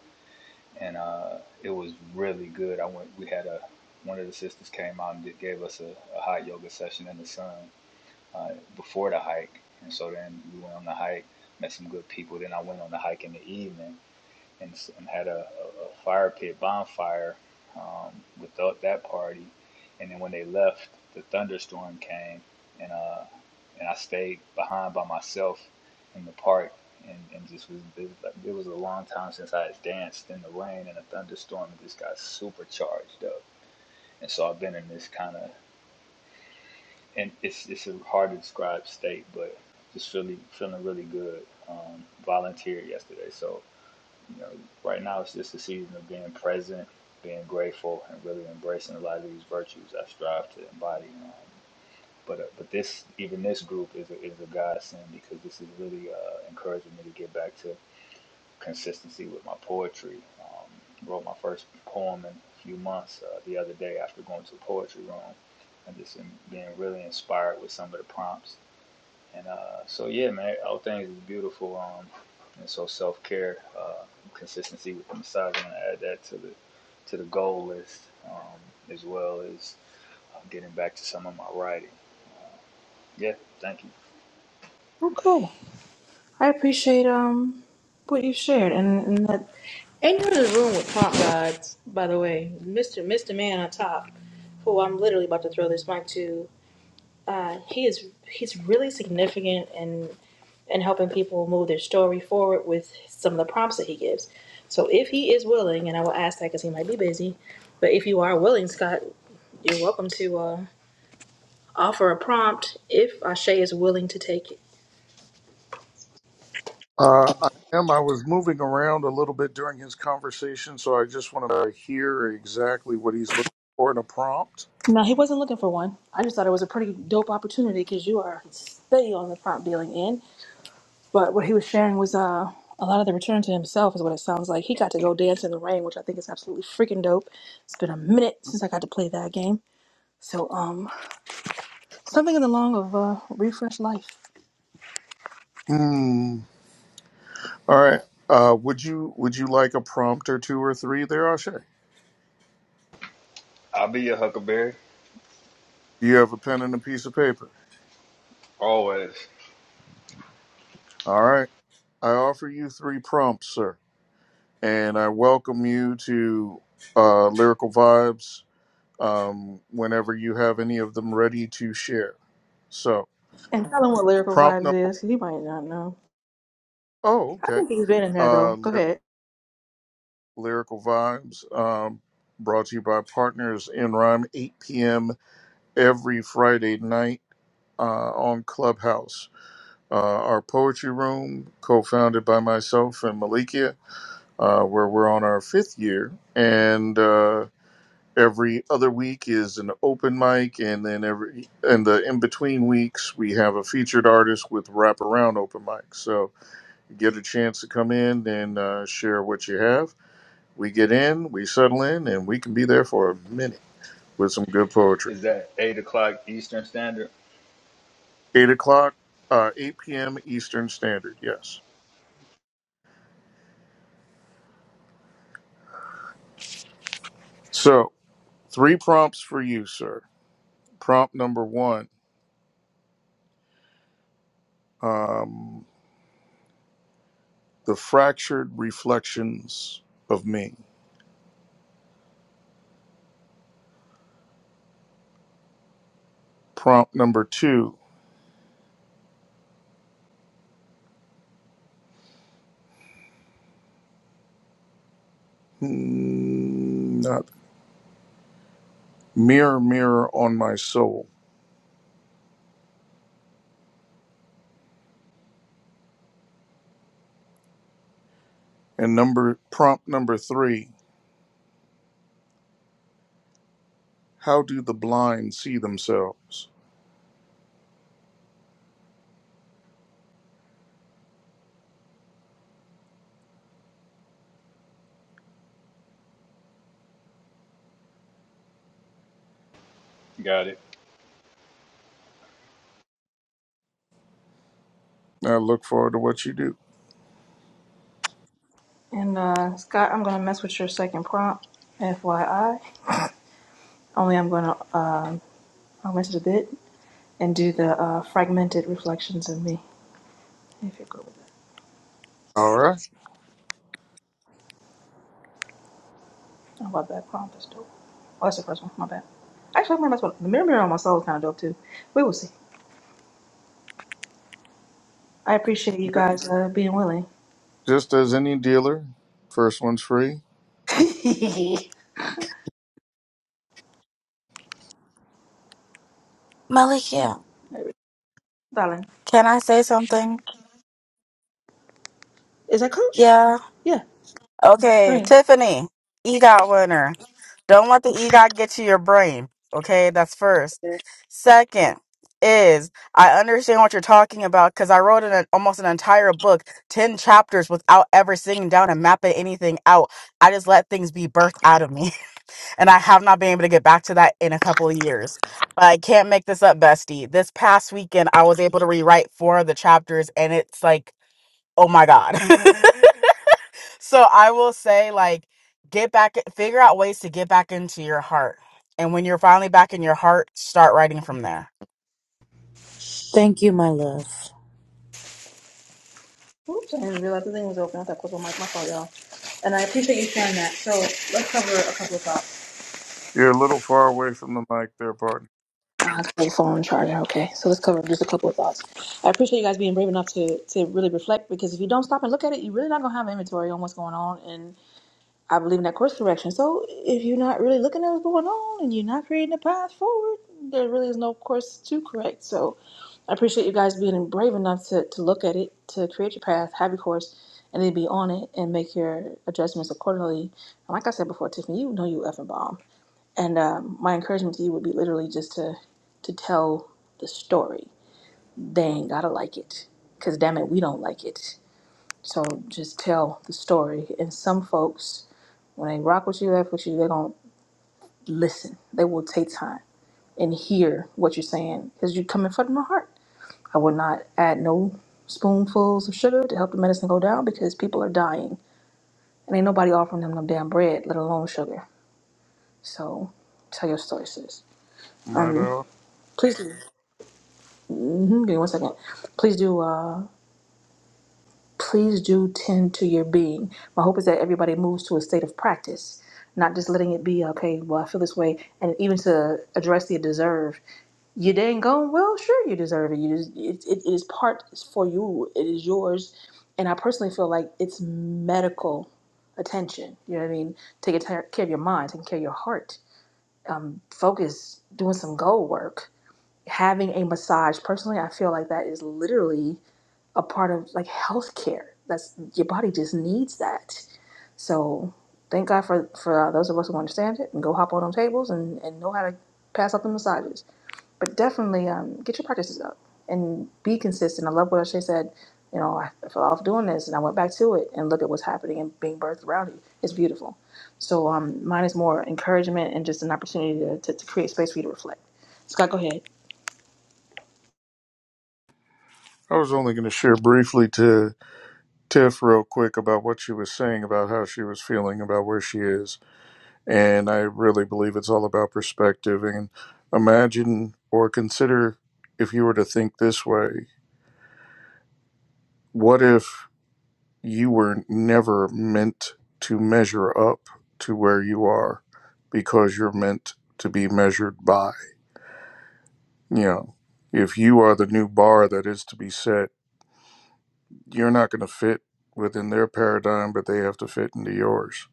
[SPEAKER 7] and uh, it was really good. I went. We had a one of the sisters came out and did, gave us a, a hot yoga session in the sun uh, before the hike, and so then we went on the hike, met some good people. Then I went on the hike in the evening and, and had a, a, fire pit bonfire um, with that party. And then when they left, the thunderstorm came, and uh, and I stayed behind by myself in the park, and, and just was it, was like- it was a long time since I had danced in the rain and a thunderstorm, and just got supercharged up. And so I've been in this kind of and it's it's a hard to describe state, but just feeling feeling really good. Um, volunteered yesterday, so you know, right now it's just a season of being present, being grateful, and really embracing a lot of these virtues I strive to embody. Um, but uh, but this even this group is a, is a godsend because this is really uh, encouraging me to get back to consistency with my poetry. Um, wrote my first poem in a few months uh, the other day after going to a poetry room and just in, being really inspired with some of the prompts and uh, so yeah, man, all things is beautiful. Um, and so self care, uh, consistency with the massage, I'm gonna add that to the to the goal list, um, as well as uh, getting back to some of my writing. Yeah, thank you.
[SPEAKER 3] Okay. I appreciate um what you shared and, and that and you're in the room with pop gods, by the way. Mr. Mr. Man on top, who I'm literally about to throw this mic to. Uh, he is he's really significant in in helping people move their story forward with some of the prompts that he gives. So if he is willing, and I will ask that because he might be busy, but if you are willing, Scott, you're welcome to uh, offer a prompt if Ashe is willing to take it.
[SPEAKER 1] Uh, I am. I was moving around a little bit during his conversation, so I just want to hear exactly what he's looking for in a prompt.
[SPEAKER 3] No, he wasn't looking for one. I just thought it was a pretty dope opportunity because you are steady on the prompt dealing end. But what he was sharing was uh, a lot of the return to himself, is what it sounds like. He got to go dance in the rain, which I think is absolutely freaking dope. It's been a minute since I got to play that game. So, um, something in the long of uh, refresh life.
[SPEAKER 1] Hmm. All right. Uh, would you Would you like a prompt or two or three there, Ashe? Do
[SPEAKER 7] I'll be your Huckleberry
[SPEAKER 1] you have a pen and a piece of paper?
[SPEAKER 7] always.
[SPEAKER 1] All right. I offer you three prompts, sir, and I welcome you to uh, Lyrical Vibes um, whenever you have any of them ready to share. So,
[SPEAKER 3] And tell him what lyrical
[SPEAKER 1] prompt
[SPEAKER 3] vibes
[SPEAKER 1] number.
[SPEAKER 3] is, 'cause he might not know.
[SPEAKER 1] Oh,
[SPEAKER 3] I
[SPEAKER 1] okay.
[SPEAKER 3] think he's been in there though.
[SPEAKER 1] Uh,
[SPEAKER 3] Go ahead.
[SPEAKER 1] Lyrical Vibes, um, brought to you by Partners in Rhyme, 8 p.m. every Friday night uh, on Clubhouse. Uh, our poetry room, co founded by myself and Malikia, uh, where we're on our fifth year. And uh, every other week is an open mic. And then every and the in between weeks, we have a featured artist with wraparound open mic. So you get a chance to come in and uh, share what you have we get in, we settle in, and we can be there for a minute with some good poetry.
[SPEAKER 7] Is that eight o'clock Eastern Standard?
[SPEAKER 1] Eight o'clock, uh, 8 p.m. Eastern Standard. Yes. So, three prompts for you, sir. Prompt number one um, The Fractured Reflections of Me. Prompt number two, hmm, not Mirror, Mirror on My Soul. And number prompt number three, How do the blind see themselves?
[SPEAKER 7] Got it.
[SPEAKER 1] I look forward to what you do.
[SPEAKER 3] And uh, Scott, I'm gonna mess with your second prompt, FYI. Only I'm gonna um, I'll mess it a bit and do the uh, fragmented reflections of me. If you're cool.
[SPEAKER 1] All right.
[SPEAKER 3] I love that prompt. That's dope. Oh, that's the first one. My bad. Actually, I might that's well. The mirror, mirror on my soul is kind of dope too. We will see. I appreciate you guys uh, being willing.
[SPEAKER 1] Just as any dealer, first one's free.
[SPEAKER 2] Malikia,
[SPEAKER 3] Darling,
[SPEAKER 2] can I say something?
[SPEAKER 3] is that Coach?
[SPEAKER 2] Yeah.
[SPEAKER 3] Yeah,
[SPEAKER 2] Okay,
[SPEAKER 3] Green.
[SPEAKER 2] Tiffany, EGOT winner. Don't let the EGOT get to your brain. Okay, that's first. Second is I understand what you're talking about because I wrote an, almost an entire book, 10 chapters, without ever sitting down and mapping anything out. I just let things be birthed out of me. And I have not been able to get back to that in a couple of years. But I can't make this up, bestie. This past weekend, I was able to rewrite four of the chapters, and it's like, oh my God. so I will say, like, get back, figure out ways to get back into your heart. And when you're finally back in your heart, start writing from there.
[SPEAKER 9] Thank you, my love.
[SPEAKER 3] Oops, I didn't realize the thing was open. I thought it was on my, mic. my phone, y'all. And I appreciate you sharing that. So let's cover a couple of thoughts.
[SPEAKER 1] You're a little far away from the mic there, partner.
[SPEAKER 3] Uh, it's my phone charger. Okay, so let's cover just a couple of thoughts. I appreciate you guys being brave enough to to really reflect because if you don't stop and look at it, you're really not gonna have inventory on what's going on and. I believe in that course correction. So if you're not really looking at what's going on and you're not creating a path forward, there really is no course to correct. So I appreciate you guys being brave enough to, to look at it, to create your path, have your course, and then be on it and make your adjustments accordingly. And like I said before, Tiffany, you know you effing bomb. And um, my encouragement to you would be literally just to to tell the story. They ain't gotta like it, cause damn it, we don't like it. So just tell the story. And some folks when they rock with you, F with you, they're gonna listen. They will take time and hear what you're saying because you're coming from the heart. I would not add no spoonfuls of sugar to help the medicine go down because people are dying and ain't nobody offering them no damn bread, let alone sugar. So tell your story, sis.
[SPEAKER 1] Might I?
[SPEAKER 3] Please do. hmm give me one second. Please do. Uh, please do tend to your being. My hope is that everybody moves to a state of practice, not just letting it be, okay, well, I feel this way. And even to address the deserve, you dang gone, well, sure, you deserve it. You just, it, it is part it's for you, it is yours. And I personally feel like it's medical attention. You know what I mean? Taking tar- care of your mind, taking care of your heart, focus, doing some goal work, having a massage. Personally, I feel like that is literally a part of like healthcare. That's your body just needs that. So thank God for for uh, those of us who understand it and go hop on them tables and and know how to pass out the massages. But definitely um, get your practices up and be consistent. I love what Ashay said. You know, I I fell off doing this and I went back to it and look at what's happening and being birthed around you. It's beautiful. So um, mine is more encouragement and just an opportunity to, to, to create space for you to reflect. Scott, go ahead.
[SPEAKER 1] I was only going to share briefly to Tiff real quick about what she was saying about how she was feeling about where she is. And I really believe it's all about perspective. And imagine or consider if you were to think this way what if you were never meant to measure up to where you are because you're meant to be measured by? You know, if you are the new bar that is to be set, you're not going to fit within their paradigm, but they have to fit into yours.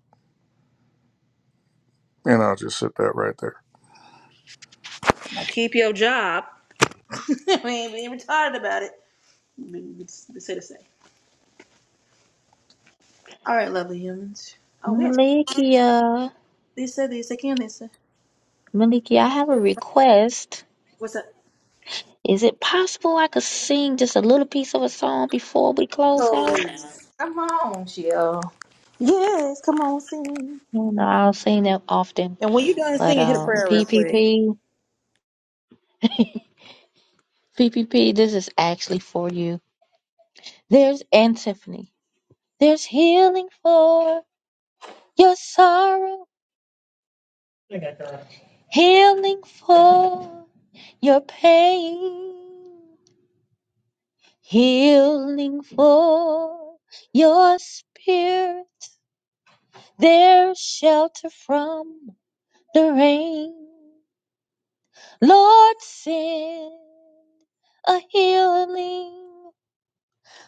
[SPEAKER 1] And I'll just sit that right there.
[SPEAKER 3] Now keep your job. we ain't being retarded about it. They say, just say All right, lovely humans. Oh, we had
[SPEAKER 4] Malikia,
[SPEAKER 3] Lisa, Lisa, can Lisa.
[SPEAKER 4] Malikia, I have a request.
[SPEAKER 3] what's up?
[SPEAKER 4] Is it possible I could sing just a little piece of a song before we close out?
[SPEAKER 3] Please. Come on, chill. Yes, come on, sing.
[SPEAKER 4] You know, I don't sing that often,
[SPEAKER 3] And when you're done
[SPEAKER 4] but
[SPEAKER 3] singing, hit a
[SPEAKER 4] um,
[SPEAKER 3] prayer
[SPEAKER 4] P
[SPEAKER 3] real
[SPEAKER 4] P
[SPEAKER 3] quick.
[SPEAKER 4] P. PPP, this is actually for you. There's and Tiffany. There's healing for your sorrow. I got that. Healing for your pain. Healing for your spirit. There's shelter from the rain. Lord, send a healing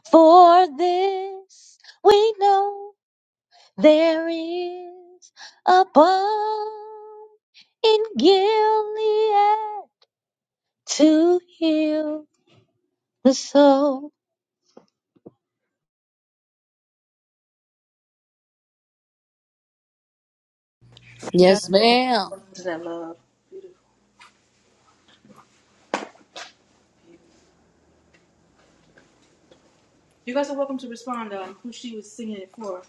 [SPEAKER 4] for this. We know. There is a balm in Gilead to heal the soul.
[SPEAKER 3] You guys,
[SPEAKER 9] Yes, ma'am.
[SPEAKER 3] you guys are welcome to respond on who she was singing it for.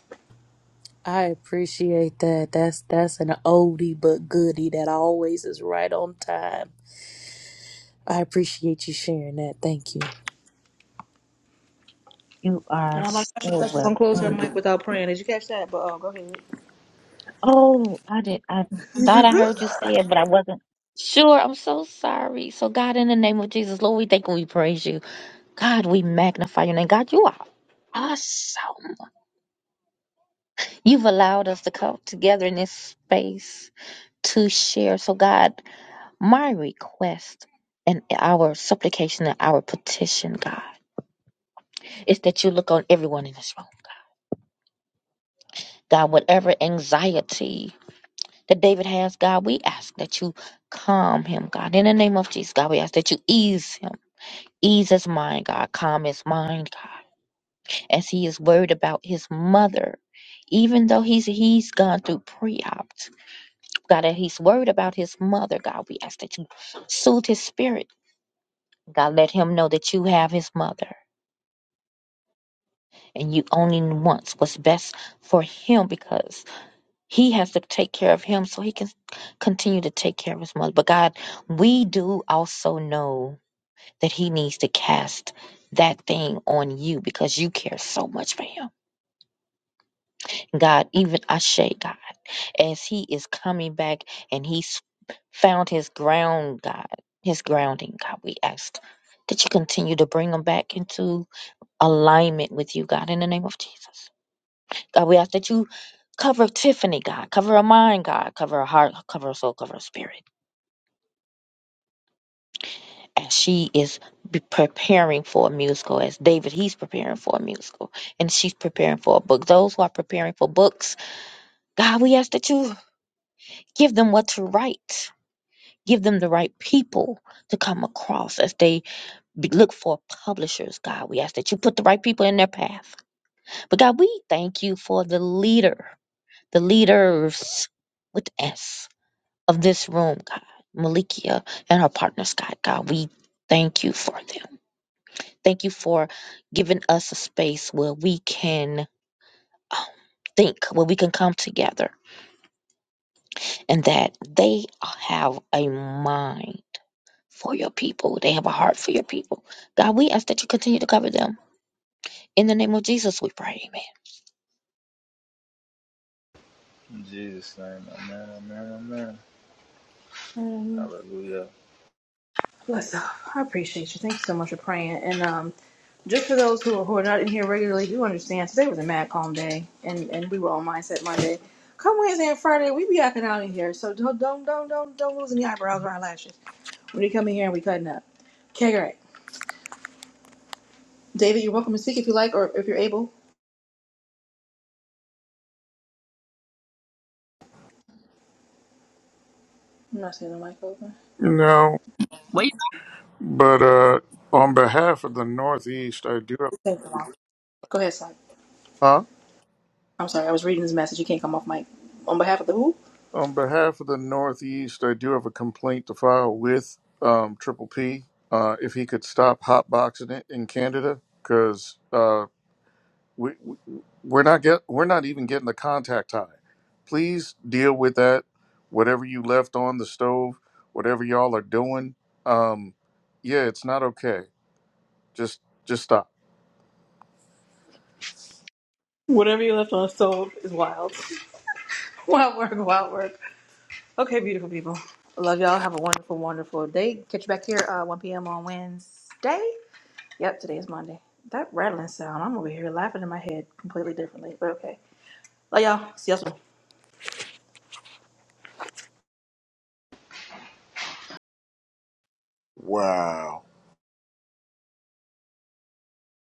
[SPEAKER 9] I appreciate that. That's that's an oldie but goodie that always is right on time. I appreciate you sharing that. Thank you.
[SPEAKER 4] You
[SPEAKER 3] And
[SPEAKER 4] are
[SPEAKER 3] I like
[SPEAKER 4] so
[SPEAKER 3] how She thought she was gonna
[SPEAKER 4] well.
[SPEAKER 3] close her mic without praying. Did you catch that? But oh, go ahead.
[SPEAKER 4] Oh, I did. I thought I heard you say it, but I wasn't sure. I'm so sorry. So, God, in the name of Jesus, Lord, we thank and we praise you. God, we magnify your name. God, you are awesome. You've allowed us to come together in this space to share. So, God. My request and our supplication and our petition, God, is that you look on everyone in this room. God, whatever anxiety that David has, God, we ask that you calm him, God. In the name of Jesus, God, we ask that you ease him. Ease his mind, God. Calm his mind, God. As he is worried about his mother, even though he's he's gone through pre-op, God, and he's worried about his mother, God, we ask that you soothe his spirit. God, let him know that you have his mother. and you only wants what's best for him because he has to take care of him so he can continue to take care of his mother. But God, we do also know that he needs to cast that thing on you because you care so much for him. God, even Ashe, God, as he is coming back and he's found his ground, God, his grounding, God, we ask that you continue to bring him back into alignment with you, God, in the name of Jesus. God, we ask that you cover Tiffany, God, cover her mind, God, cover her heart, cover her soul, cover her spirit. As she is be- preparing for a musical, as David, he's preparing for a musical, and she's preparing for a book. Those who are preparing for books, God, we ask that you give them what to write. Give them the right people to come across as they be- look for publishers, God. We ask that you put the right people in their path. But God, we thank you for the leader, the leaders with S. of this room, God, Malikia and her partners, God, God, we thank you for them. Thank you for giving us a space where we can um, think, where we can come together, and that they have a mind for your people. They have a heart for your people. God, we ask that you continue to cover them. In the name of Jesus, we pray. Amen.
[SPEAKER 7] In Jesus' name, Amen, Amen, Amen. Hallelujah.
[SPEAKER 3] Bless up. I appreciate you. Thank you so much for praying. And um, just for those who are, who are not in here regularly, you understand today was a mad calm day, and, and we were on Mindset Monday. Come Wednesday and Friday, we be acting out in here. So don't don't don't don't don't lose any eyebrows or eyelashes when you come in here and we cutting up. Okay, great. David, you're welcome to speak if you like or if you're able. I'm not seeing the mic open.
[SPEAKER 1] No,
[SPEAKER 10] Way
[SPEAKER 1] but uh, on behalf of the Northeast, I do have.
[SPEAKER 3] Thank you, Mom. Go ahead, son.
[SPEAKER 1] Huh?
[SPEAKER 3] I'm sorry, I was reading this message. You can't come off mic. On behalf of the who?
[SPEAKER 1] On behalf of the Northeast, I do have a complaint to file with um, Triple P. Uh, if he could stop hotboxing it in Canada, because we, we- we're not get we're not even getting the contact high. Please deal with that. Whatever you left on the stove, whatever y'all are doing, um, yeah, it's not okay. Just just stop.
[SPEAKER 3] Whatever you left on the stove is wild. Wild work, wild work. Okay, beautiful people. I love y'all. Have a wonderful, wonderful day. Catch you back here uh, 1 p.m. on Wednesday. Yep, today is Monday. That rattling sound, I'm over here laughing in my head completely differently, but okay. Love y'all. See y'all soon.
[SPEAKER 1] Wow.